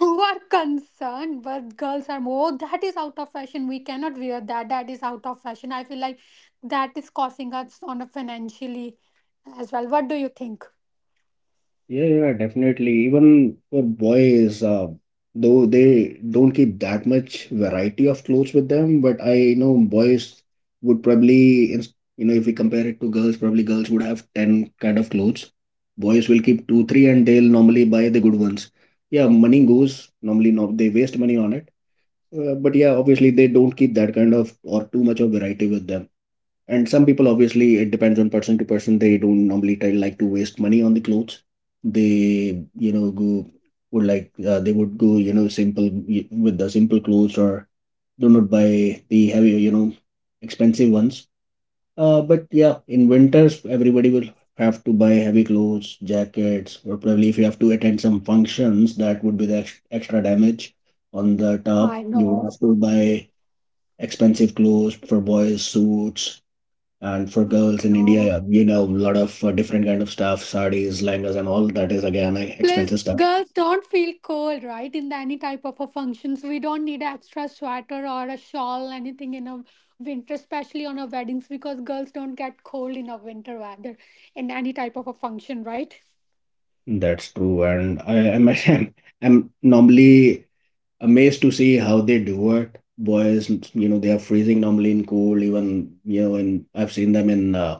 Speaker 1: who are concerned, but girls are more. "Oh, that is out of fashion, we cannot wear that, that is out of fashion." I feel like that is causing us on a financially as well. What do you think?
Speaker 2: yeah, yeah, definitely. Even for boys, though they don't keep that much variety of clothes with them, but I know boys would probably, if we compare it to girls, probably girls would have 10 kind of clothes. Boys will keep two, three, and they'll normally buy the good ones. Yeah, money goes, normally no, they waste money on it. But yeah, obviously they don't keep that kind of or too much of variety with them. And some people, obviously it depends on person to person, they don't normally try like to waste money on the clothes. They you know go would like, they would go, you know, simple, with the simple clothes, or do not buy the heavy, you know, expensive ones. But yeah, in winters everybody will have to buy heavy clothes, jackets, or probably if you have to attend some functions, that would be the extra damage on the top.
Speaker 1: I
Speaker 2: You would
Speaker 1: know.
Speaker 2: have to buy expensive clothes, for boys suits, and for
Speaker 1: I
Speaker 2: girls in
Speaker 1: know.
Speaker 2: India, you know, a lot of different kind of stuff, sarees, lehengas, and all that is again expensive
Speaker 1: Plus
Speaker 2: stuff.
Speaker 1: girls don't feel cold, right, in the any type of a functions. We don't need an extra sweater or a shawl anything in a winter, especially on our weddings, because girls don't get cold in a winter weather in any type of a function, right?
Speaker 2: That's true, and I am I'm normally amazed to see how they do it. Boys, you know, they are freezing normally in cold. Even you know, and I've seen them in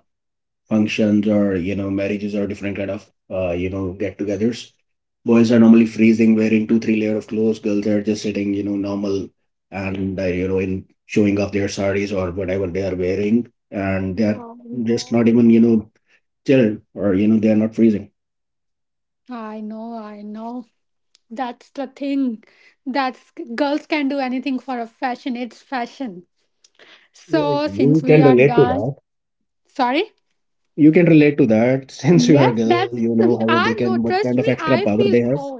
Speaker 2: functions or you know, marriages or different kind of you know, get-togethers. Boys are normally freezing, wearing two, three layer of clothes. Girls are just sitting, you know, normal, and you know, in showing off their saris or whatever they are wearing, and they're just
Speaker 1: No,
Speaker 2: not even, you know, chilled, or you know, they are not freezing.
Speaker 1: I know, I know. That's the thing. That's girls can do anything for a fashion. It's fashion. So
Speaker 2: Yes, you
Speaker 1: since we
Speaker 2: can
Speaker 1: are
Speaker 2: relate to
Speaker 1: done,
Speaker 2: that.
Speaker 1: sorry.
Speaker 2: You can relate to that since you are
Speaker 1: Yes,
Speaker 2: girl. You
Speaker 1: that's
Speaker 2: know how
Speaker 1: our
Speaker 2: they
Speaker 1: no.
Speaker 2: can, what
Speaker 1: Trust
Speaker 2: kind of
Speaker 1: me,
Speaker 2: extra
Speaker 1: I
Speaker 2: power
Speaker 1: feel
Speaker 2: they have.
Speaker 1: cold.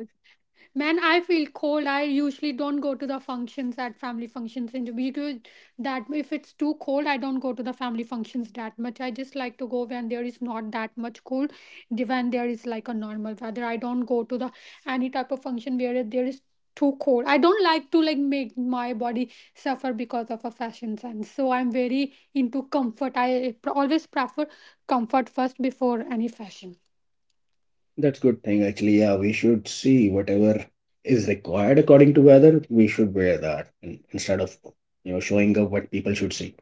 Speaker 1: Man, I feel cold. I usually don't go to the functions at family functions and because that if it's too cold, I don't go to the family functions that much. I just like to go when there is not that much cold, when there is like a normal weather. I don't go to the any type of function where there is too cold. I don't like to like make my body suffer because of a fashion sense. So I'm very into comfort. I always prefer comfort first before any fashion.
Speaker 2: That's good thing actually. Yeah, we should see whatever is required according to weather. We should wear that in, instead of, you know, showing up what people should see.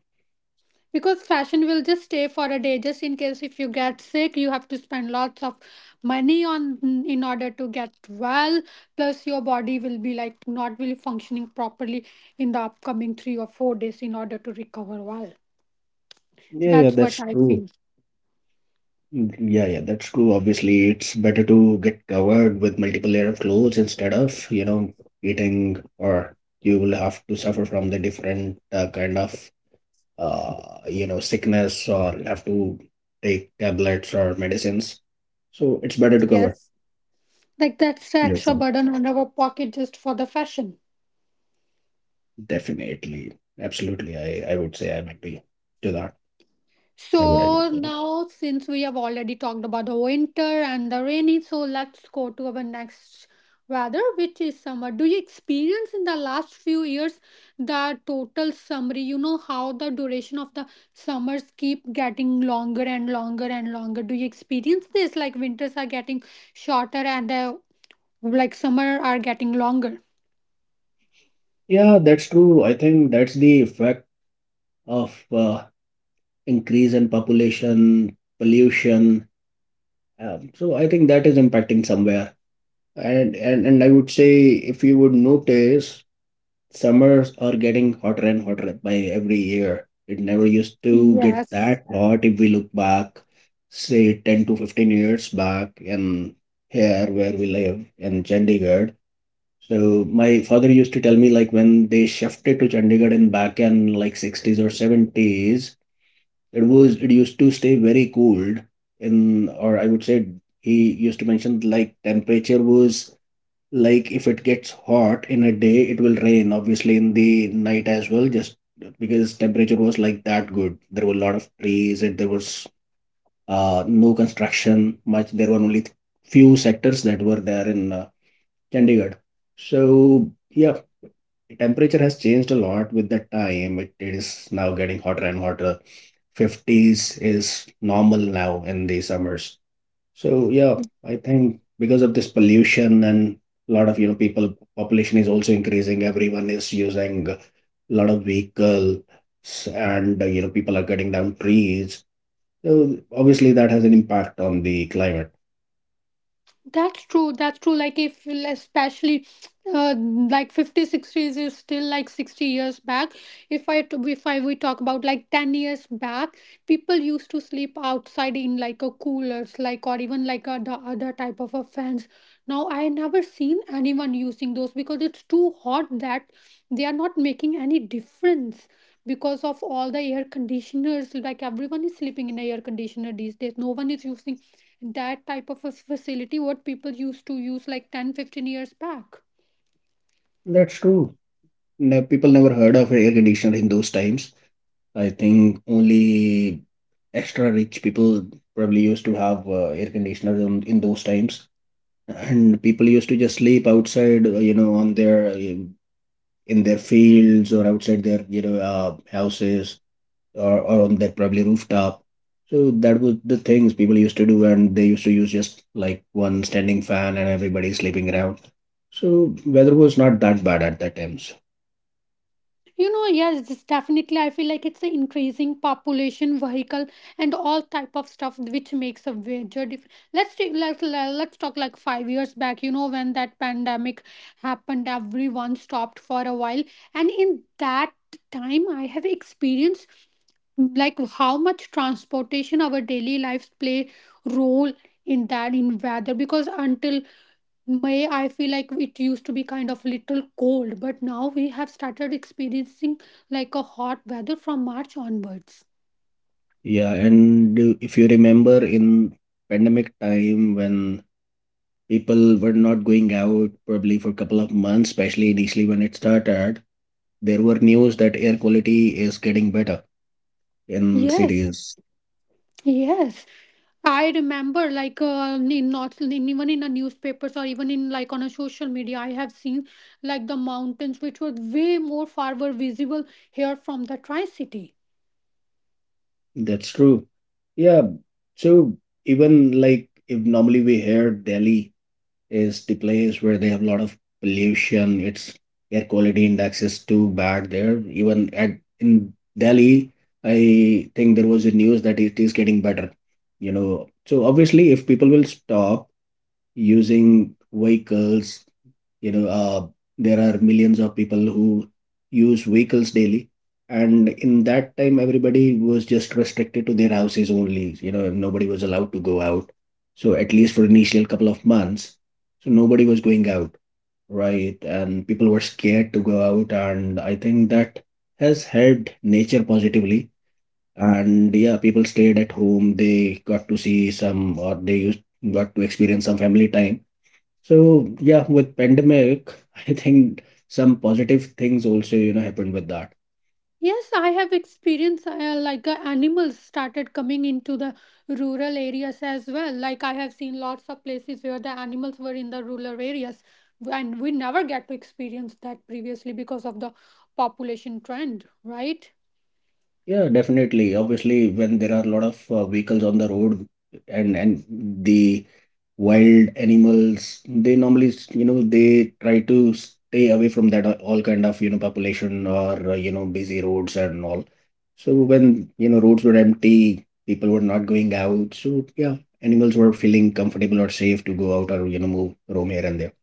Speaker 1: Because fashion will just stay for a day, just in case if you get sick, you have to spend lots of money on in order to get well, plus your body will be like not really functioning properly in the upcoming 3 or 4 days in order to recover well.
Speaker 2: Yeah, yeah,
Speaker 1: That's what
Speaker 2: that's
Speaker 1: I
Speaker 2: true.
Speaker 1: feel.
Speaker 2: Mm, yeah, yeah, that's true. Obviously, it's better to get covered with multiple layer of clothes instead of, you know, eating or you will have to suffer from the different kind of you know, sickness, or have to take tablets or medicines. So it's better to cover.
Speaker 1: Yes, like that's the
Speaker 2: Yes.
Speaker 1: extra burden on our pocket just for the fashion.
Speaker 2: Definitely. Absolutely. I would say I agree to that. I would agree
Speaker 1: So
Speaker 2: to that.
Speaker 1: now, since we have already talked about the winter and the rainy, so let's go to our next weather, which is summer. Do you experience in the last few years the total summary? You know how the duration of the summers keep getting longer and longer and longer. Do you experience this? Like winters are getting shorter and the like summer are getting longer.
Speaker 2: Yeah, that's true. I think that's the effect of increase in population, pollution. So I think that is impacting somewhere. And I would say, if you would notice, summers are getting hotter and hotter by every year. It never used to get
Speaker 1: Yes.
Speaker 2: that hot if we look back, say 10 to 15 years back in here where we live in Chandigarh. So my father used to tell me, like when they shifted to Chandigarh in back in like sixties or seventies, it used to stay very cold in, or I would say, he used to mention like temperature was, like if it gets hot in a day, it will rain obviously in the night as well, just because temperature was like that good. There were a lot of trees and there was no construction much. There were only few sectors that were there in Chandigarh. So yeah, the temperature has changed a lot with the time. It is now getting hotter and hotter. fifties is normal now in the summers. So yeah, I think because of this pollution and a lot of, you know, people, population is also increasing. Everyone is using a lot of vehicles, and you know, people are cutting down trees. So obviously that has an impact on the climate.
Speaker 1: That's true. That's true. Like if especially like 50 60 is still like 60 years back. If I we talk about like 10 years back, people used to sleep outside in like a coolers, like, or even like a, the other type of a fans. Now I never seen anyone using those because it's too hot that they are not making any difference because of all the air conditioners, like everyone is sleeping in a air conditioner these days. No one is using that type of a facility what people used to use like 10, 15 years back.
Speaker 2: That's true. People never heard of air conditioner in those times. I think only extra rich people probably used to have air conditioners in those times, and people used to just sleep outside, you know, on their in their fields, or outside their, you know, houses, or on their probably rooftop. So that was the things people used to do, and they used to use just like one standing fan, and everybody sleeping around. So weather was not that bad at that times.
Speaker 1: You know, yes, this definitely. I feel like it's an increasing population, vehicle, and all type of stuff which makes a major difference. Let's take let's let's talk like 5 years back. You know, when that pandemic happened, everyone stopped for a while, and in that time I have experienced like how much transportation our daily lives play role in that in weather, because until May, I feel like it used to be kind of little cold, but now we have started experiencing like a hot weather from March onwards.
Speaker 2: Yeah, and if you remember in pandemic time when people were not going out probably for a couple of months, especially initially when it started. There were news that air quality is getting better in
Speaker 1: Yes,
Speaker 2: cities.
Speaker 1: yes. I remember like in not in, even in the newspapers, or even in like on a social media, I have seen like the mountains which were way more far were visible here from the Tri City.
Speaker 2: That's true. Yeah. So even like, if normally we hear Delhi is the place where they have a lot of pollution, its air quality index is too bad there. Even at in Delhi, I think there was a news that it is getting better. You know, so obviously if people will stop using vehicles. You know, there are millions of people who use vehicles daily. And in that time, everybody was just restricted to their houses only. You know, nobody was allowed to go out. So at least for initial couple of months, so nobody was going out, right? And people were scared to go out. And I think that has helped nature positively. And yeah, people stayed at home. They got to see some, or they used, got to experience some family time. So yeah, with pandemic, I think some positive things also, you know, happened with that.
Speaker 1: Yes, I have experienced like animals started coming into the rural areas as well. Like I have seen lots of places where the animals were in the rural areas, and we never get to experience that previously because of the population trend, right?
Speaker 2: Yeah, definitely. Obviously, when there are a lot of vehicles on the road, and the wild animals, they normally, you know, they try to stay away from that all kind of, you know, population, or you know, busy roads and all. So when, you know, roads were empty, people were not going out. So yeah, animals were feeling comfortable or safe to go out, or, you know, move, roam here and there.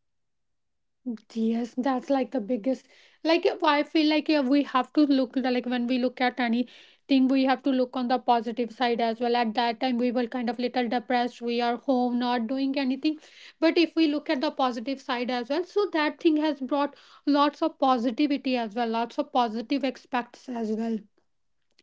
Speaker 1: Yes, that's like the biggest. Like I feel like yeah, we have to look like when we look at anything, we have to look on the positive side as well. At that time, we were kind of little depressed. We are home, not doing anything. But if we look at the positive side as well, so that thing has brought lots of positivity as well, lots of positive aspects as well.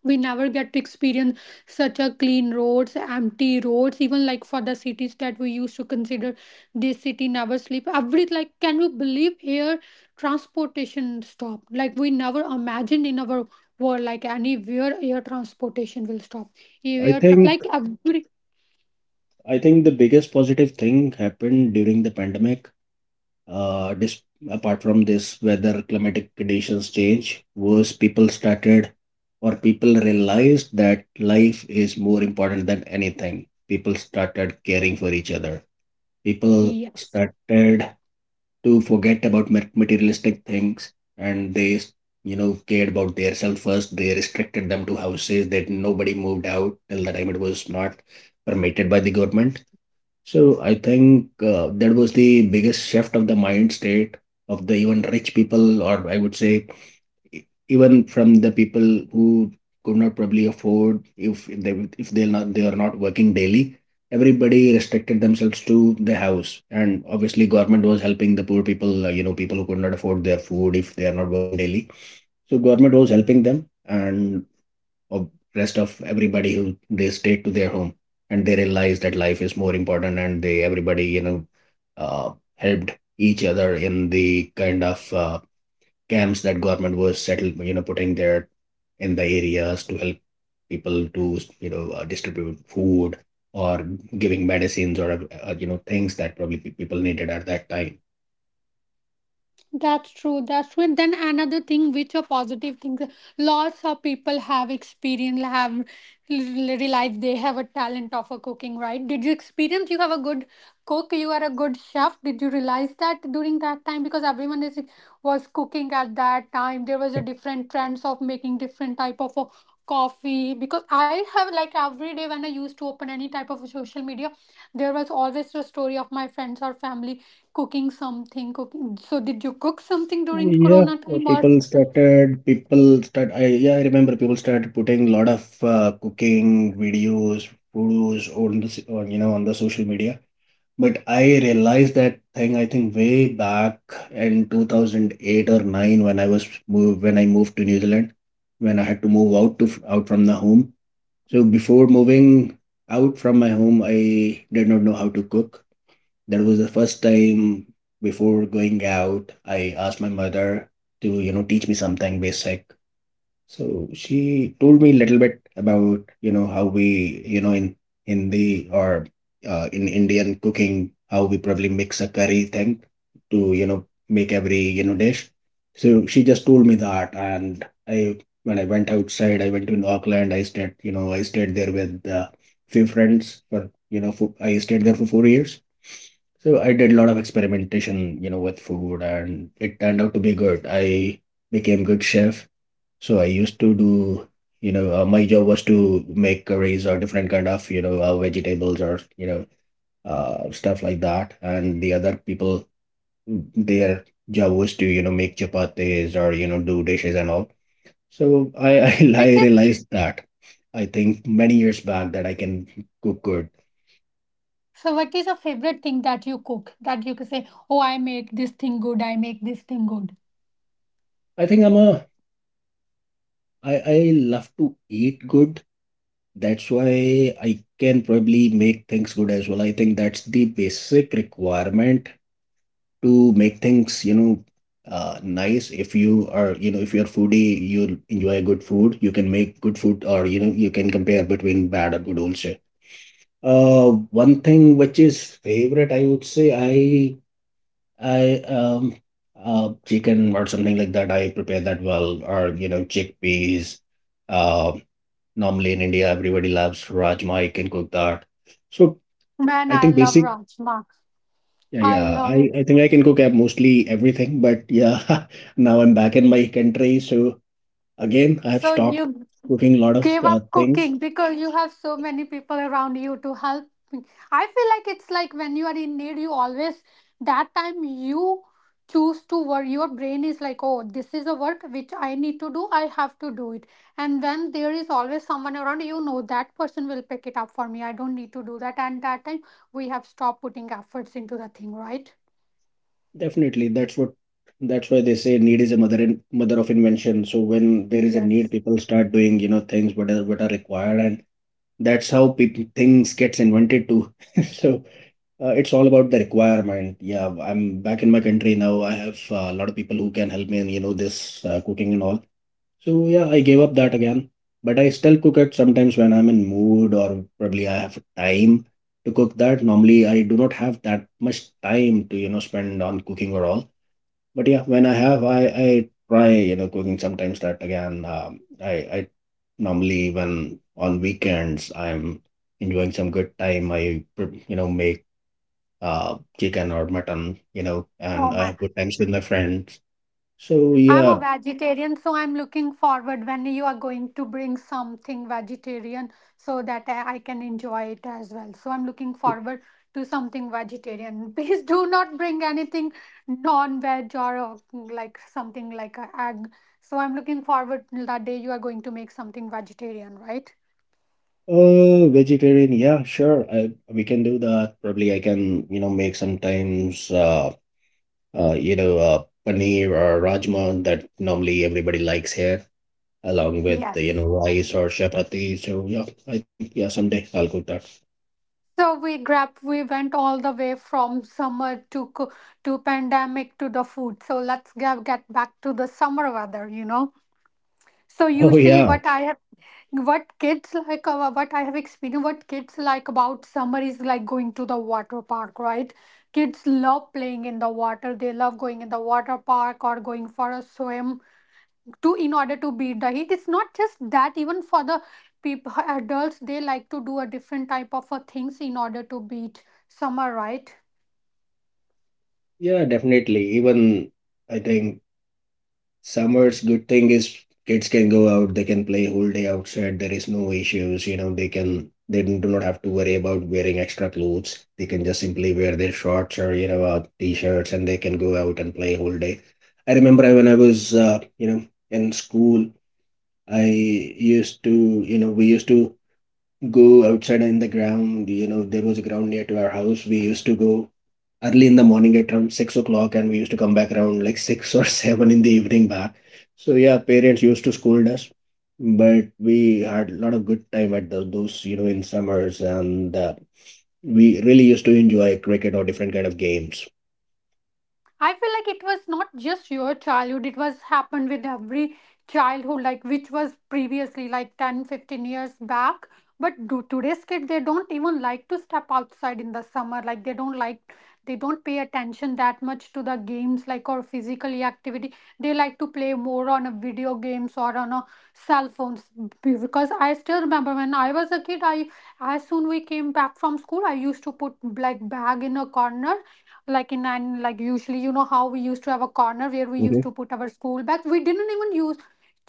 Speaker 1: We never get to experience such a clean roads, empty roads, even like for the cities that we used to consider this city never sleep every, like, can you believe air transportation stopped? Like we never imagined in our world like anywhere air transportation will stop.
Speaker 2: I
Speaker 1: Air
Speaker 2: think
Speaker 1: like every.
Speaker 2: I think the biggest positive thing happened during the pandemic, uh, dis- apart from this weather climatic conditions change, was people started or people realized that life is more important than anything. People started caring for each other. People
Speaker 1: Yes.
Speaker 2: started to forget about materialistic things and they, cared about their self first. They restricted them to houses that nobody moved out till the time it was not permitted by the government. So I think that was the biggest shift of the mind state of the even rich people, or I would say e- even from the people who could not probably afford if they are not working daily. Everybody restricted themselves to the house, and obviously government was helping the poor people. You know, people who could not afford their food if they are not working daily. So government was helping them, and of rest of everybody who they stayed to their home and they realized that life is more important and they everybody uh, helped each other in the kind of camps that government was settled, you know, putting there in the areas to help people to, you know, distribute food or giving medicines or you know, things that probably people needed at that time.
Speaker 1: That's true. That's true. And then another thing, which are positive things, lots of people have experience, have realized they have a talent of a cooking, right? Did you experience you have a good cook? You are a good chef. Did you realize that during that time? Because everyone is was cooking at that time. There was a different trends of making different type of coffee. Because I have like every day when I used to open any type of social media, there was always a story of my friends or family cooking something cooking. So did you cook something during the
Speaker 2: Yeah,
Speaker 1: corona time or
Speaker 2: people started, people start, I, yeah, I remember people started putting lot of cooking videos, photos on you know, on the social media. But I realized that thing, I think way back in 2008 or 9 when when I moved to New Zealand, when I had to move out to, out from the home. So before moving out from my home, I did not know how to cook. That was the first time. Before going out, I asked my mother to, you know, teach me something basic. So she told me a little bit about, you know, how we, you know, in Hindi or in Indian cooking, how we probably mix a curry thing to, you know, make every, you know, dish. So she just told me that, and I, when I went outside, I went to Auckland. I stayed, you know, I stayed there with few friends for, I stayed there for 4 years. So I did a lot of experimentation, you know, with food, and it turned out to be good. I became good chef. So I used to do, you know, my job was to make curries or different kind of, you know, vegetables or, you know, stuff like that. And the other people, their job was to, you know, make chapatis or, you know, do dishes and all. So I, I
Speaker 1: which is?
Speaker 2: realized that I think many years back that I can cook good.
Speaker 1: So what is your favorite thing that you cook that you could say, oh, I make this thing good, I make this thing good?
Speaker 2: I think I love to eat good. That's why I can probably make things good as well. I think that's the basic requirement to make things, you know, nice. If you are, you know, if you're foodie, you'll enjoy good food, you can make good food, or you know, you can compare between bad or good also. One thing which is favorite, I would say, I chicken or something like that, I prepare that well, or you know, chickpeas. uh Normally in India everybody loves rajma, I can cook that. So
Speaker 1: Man,
Speaker 2: I
Speaker 1: I
Speaker 2: think
Speaker 1: love
Speaker 2: basic
Speaker 1: rajma.
Speaker 2: Yeah,
Speaker 1: I
Speaker 2: yeah.
Speaker 1: love it.
Speaker 2: I think I can cook up mostly everything, but yeah, now I'm back in my country, so again I have
Speaker 1: So
Speaker 2: stopped
Speaker 1: you
Speaker 2: cooking a lot of
Speaker 1: gave up
Speaker 2: things.
Speaker 1: cooking because you have so many people around you to help. I feel like it's like when you are in need, you always, that time you choose to work. Your brain is like, oh, this is a work which I need to do, I have to do it. And when there is always someone around, you know that person will pick it up for me. I don't need to do that. And that time we have stopped putting efforts into the thing, right?
Speaker 2: Definitely, that's why they say need is a mother in, mother of invention. So when there is a need,
Speaker 1: Yes.
Speaker 2: people start doing, you know, things what are required, and that's how people things gets invented too. So it's all about the requirement. Yeah, I'm back in my country now. I have a lot of people who can help me in, you know, this cooking and all. So yeah, I gave up
Speaker 1: Mhm.
Speaker 2: that again, but I still cook it sometimes when I'm in mood or probably I have time to cook that. Normally, I do not have that much time to, you know, spend on cooking or all. But yeah, when I have, I try, you know, cooking sometimes that again. I normally when on weekends I'm enjoying some good time, I you know, make chicken or mutton, you know,
Speaker 1: Oh
Speaker 2: and I
Speaker 1: my.
Speaker 2: have good times with my friends. So
Speaker 1: I'm a
Speaker 2: yeah.
Speaker 1: vegetarian, so I'm looking forward when you are going to bring something vegetarian so that I can enjoy it as well. So I'm looking forward to something vegetarian. Please do not bring anything non-veg, or like something like a egg. So I'm looking forward till that day you are going to make something vegetarian, right?
Speaker 2: Vegetarian, yeah, sure. I, we can do that. Probably I can, you know, make sometimes, uh, you know, uh, paneer or rajma that normally everybody likes here, along with, you
Speaker 1: Yes.
Speaker 2: know, rice or chapati. So, yeah, I think, yeah, someday I'll cook that.
Speaker 1: So we went all the way from summer to pandemic to the food. So let's get back to the summer weather, you know. So
Speaker 2: Oh,
Speaker 1: usually
Speaker 2: yeah,
Speaker 1: what I have what kids like what I have experienced what kids like about summer is like going to the water park, right? Kids love playing in the water. They love going in the water park or going for a swim to in order to beat the heat. It's not just that, even for the people adults they like to do a different type of things in order to beat summer, right?
Speaker 2: yeah, definitely. Even I think summers, good thing is kids can go out, they can play whole day outside. There is no issues, you know, they can, they do not have to worry about wearing extra clothes. They can just simply wear their shorts or, you know, t-shirts, and they can go out and play whole day. I remember when I was, you know, in school, I used to, you know, we used to go outside in the ground. You know, there was a ground near to our house. We used to go early in the morning at around 6 o'clock, and we used to come back around like six or seven in the evening back. So yeah, parents used to scold us, but we had a lot of good time at those, you know, in summers, and we really used to enjoy cricket or different kind of games.
Speaker 1: I feel like it was not just your childhood, it was happened with every childhood, like which was previously like 10, 15 years back. But do today's kid they don't even like to step outside in the summer. Like they don't pay attention that much to the games like or physically activity. They like to play more on a video games or on a cell phones. Because I still remember when I was a kid, I as soon we came back from school, I used to put like bag in a corner like in and like usually you know how we used to have a corner where we used
Speaker 2: Mhm.
Speaker 1: to put our school bags. We didn't even use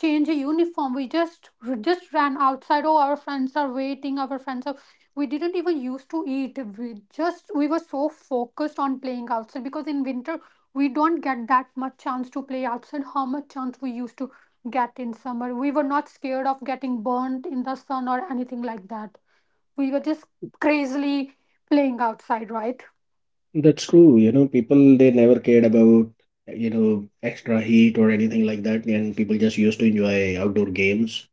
Speaker 1: change a uniform, we just ran outside. Oh, our friends are waiting, our friends are, we didn't even used to eat, we just we were so focused on playing outside because in winter we don't get that much chance to play outside how much chance we used to get in summer. We were not scared of getting burnt in the sun or anything like that, we were just crazily playing outside, right?
Speaker 2: That's true. You know, people, they never cared about, you know, extra heat or anything like that, and people just used to enjoy outdoor games.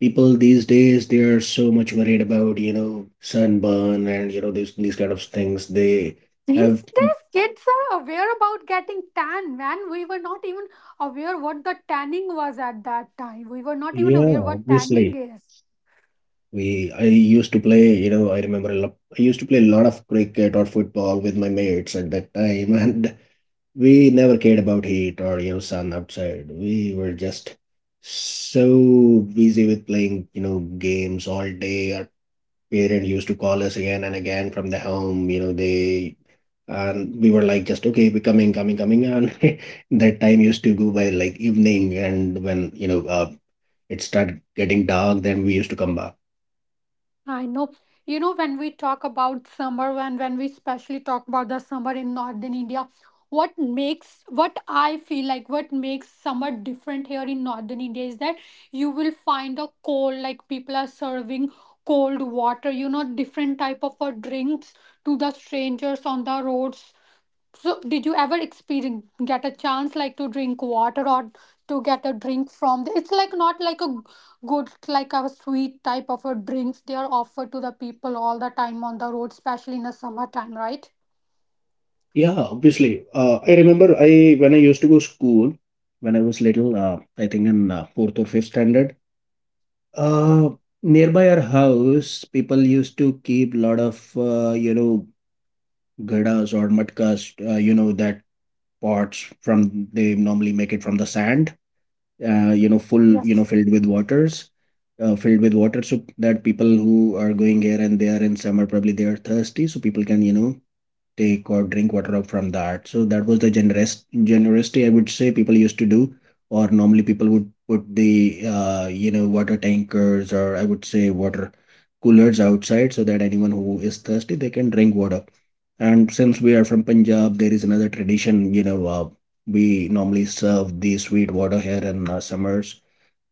Speaker 2: People these days, they are so much worried about, you know, sunburn and, you know, these kind of things they
Speaker 1: These
Speaker 2: have.
Speaker 1: days, kids are aware about getting tan, man. We were not even aware what the tanning was at that time. We were not even
Speaker 2: Yeah,
Speaker 1: aware what tanning
Speaker 2: obviously,
Speaker 1: is.
Speaker 2: we I used to play, you know, I remember a lot, I used to play a lot of cricket or football with my mates at that time, and we never cared about heat or, you know, sun outside. We were just so busy with playing, you know, games all day. Parent used to call us again and again from the home, you know, they, and we were like, just, okay, we're coming, coming, coming. And That time used to go by like evening, and when, you know, it started getting dark, then we used to come back.
Speaker 1: I know. You know, when we talk about summer, when we especially talk about the summer in northern India, what makes what I feel like what makes summer different here in northern India is that you will find a cold, like people are serving cold water, you know, different type of drinks to the strangers on the roads. So, did you ever experience get a chance like to drink water or to get a drink from? The, it's like not like a good like a sweet type of a drinks they are offered to the people all the time on the road, especially in the summertime, right?
Speaker 2: Yeah, obviously, I remember, I when I used to go school when I was little, I think in fourth or fifth standard, uh, nearby our house people used to keep lot of you know, gadas or matkas, you know, that pots from they normally make it from the sand, you know,
Speaker 1: Yes.
Speaker 2: filled with waters, filled with water, so that people who are going here and there in summer, probably they are thirsty, so people can, you know, take or drink water up from that. So that was the generous generosity, I would say, people used to do. Or normally people would put the you know, water tankers, or I would say water coolers outside, so that anyone who is thirsty, they can drink water. And since we are from Punjab, there is another tradition. You know, we normally serve the sweet water here in summers.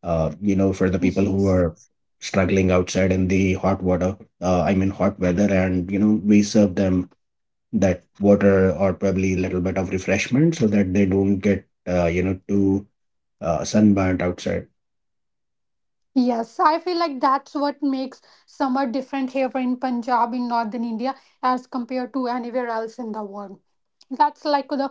Speaker 2: You know, for the people who
Speaker 1: Yes.
Speaker 2: are struggling outside in the hot water. I mean, hot weather, and you know, we serve them that water or probably a little bit of refreshment so that they don't get you know, too sunburnt outside.
Speaker 1: Yes, I feel like that's what makes summer different here in Punjab in northern India as compared to anywhere else in the world. That's like the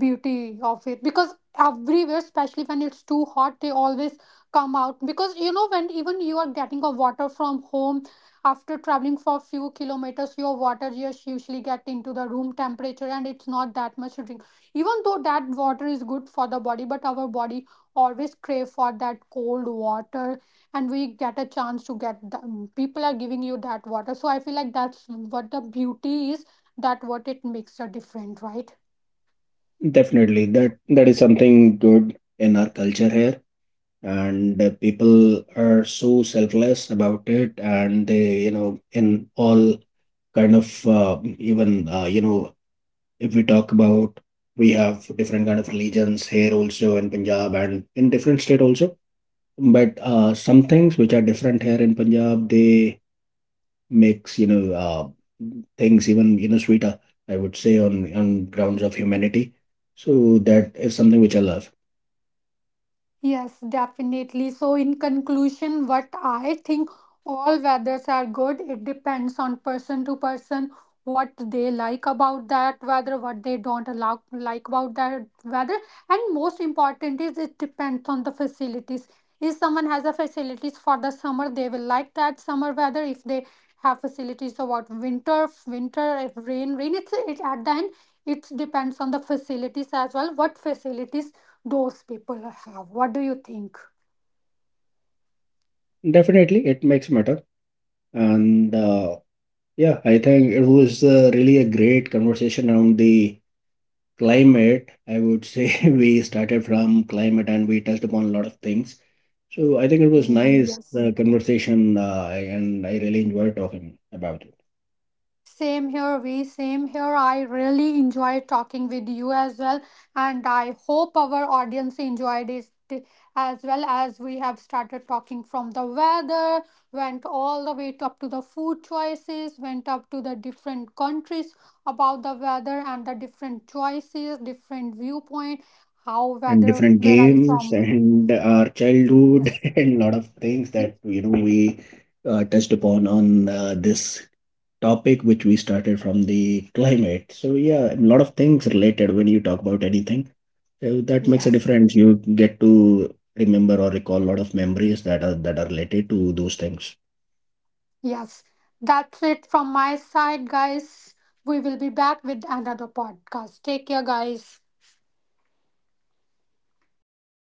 Speaker 1: beauty of it, because everywhere especially when it's too hot they always come out because you know when even you are getting a water from home, after traveling for a few kilometers your water just usually get into the room temperature and it's not that much to drink. Even though that water is good for the body, but our body always crave for that cold water, and we get a chance to get the people are giving you that water. So I feel like that's what the beauty is, that what it makes a different, right?
Speaker 2: Definitely, that is something good in our culture here, and people are so selfless about it, and they, you know, in all kind of even you know, if we talk about, we have different kind of religions here also in Punjab and in different state also, but some things which are different here in Punjab, they makes, you know, things even, you know, sweeter, I would say, on grounds of humanity. So that is something which I love.
Speaker 1: Yes, definitely. So, in conclusion, what I think all weathers are good. It depends on person to person what they like about that weather, what they don't allow, like about that weather. And most important is it depends on the facilities. If someone has a facilities for the summer, they will like that summer weather. If they have facilities about winter, winter, if rain, rain, it's it at the end, it depends on the facilities as well. What facilities those people have. What do you think?
Speaker 2: Definitely, it makes matter, and yeah, I think it was really a great conversation around the climate, I would say. We started from climate and we touched upon a lot of things. So I think it was nice
Speaker 1: Yes.
Speaker 2: the conversation. And I really enjoyed talking about it,
Speaker 1: Same here, we same here. I really enjoy talking with you as well, and I hope our audience enjoyed it, as well as we have started talking from the weather, went all the way up to the food choices, went up to the different countries about the weather and the different choices, different viewpoint, how
Speaker 2: and
Speaker 1: weather
Speaker 2: different
Speaker 1: where I
Speaker 2: games
Speaker 1: from.
Speaker 2: and our childhood.
Speaker 1: Yes.
Speaker 2: And lot of things that, you know, we touched upon on this topic which we started from the climate. So yeah, a lot of things related when you talk about anything. So that makes a
Speaker 1: Yes.
Speaker 2: difference. You get to remember or recall a lot of memories that are related to those things.
Speaker 1: Yes, that's it from my side, guys. We will be back with another podcast. Take care, guys.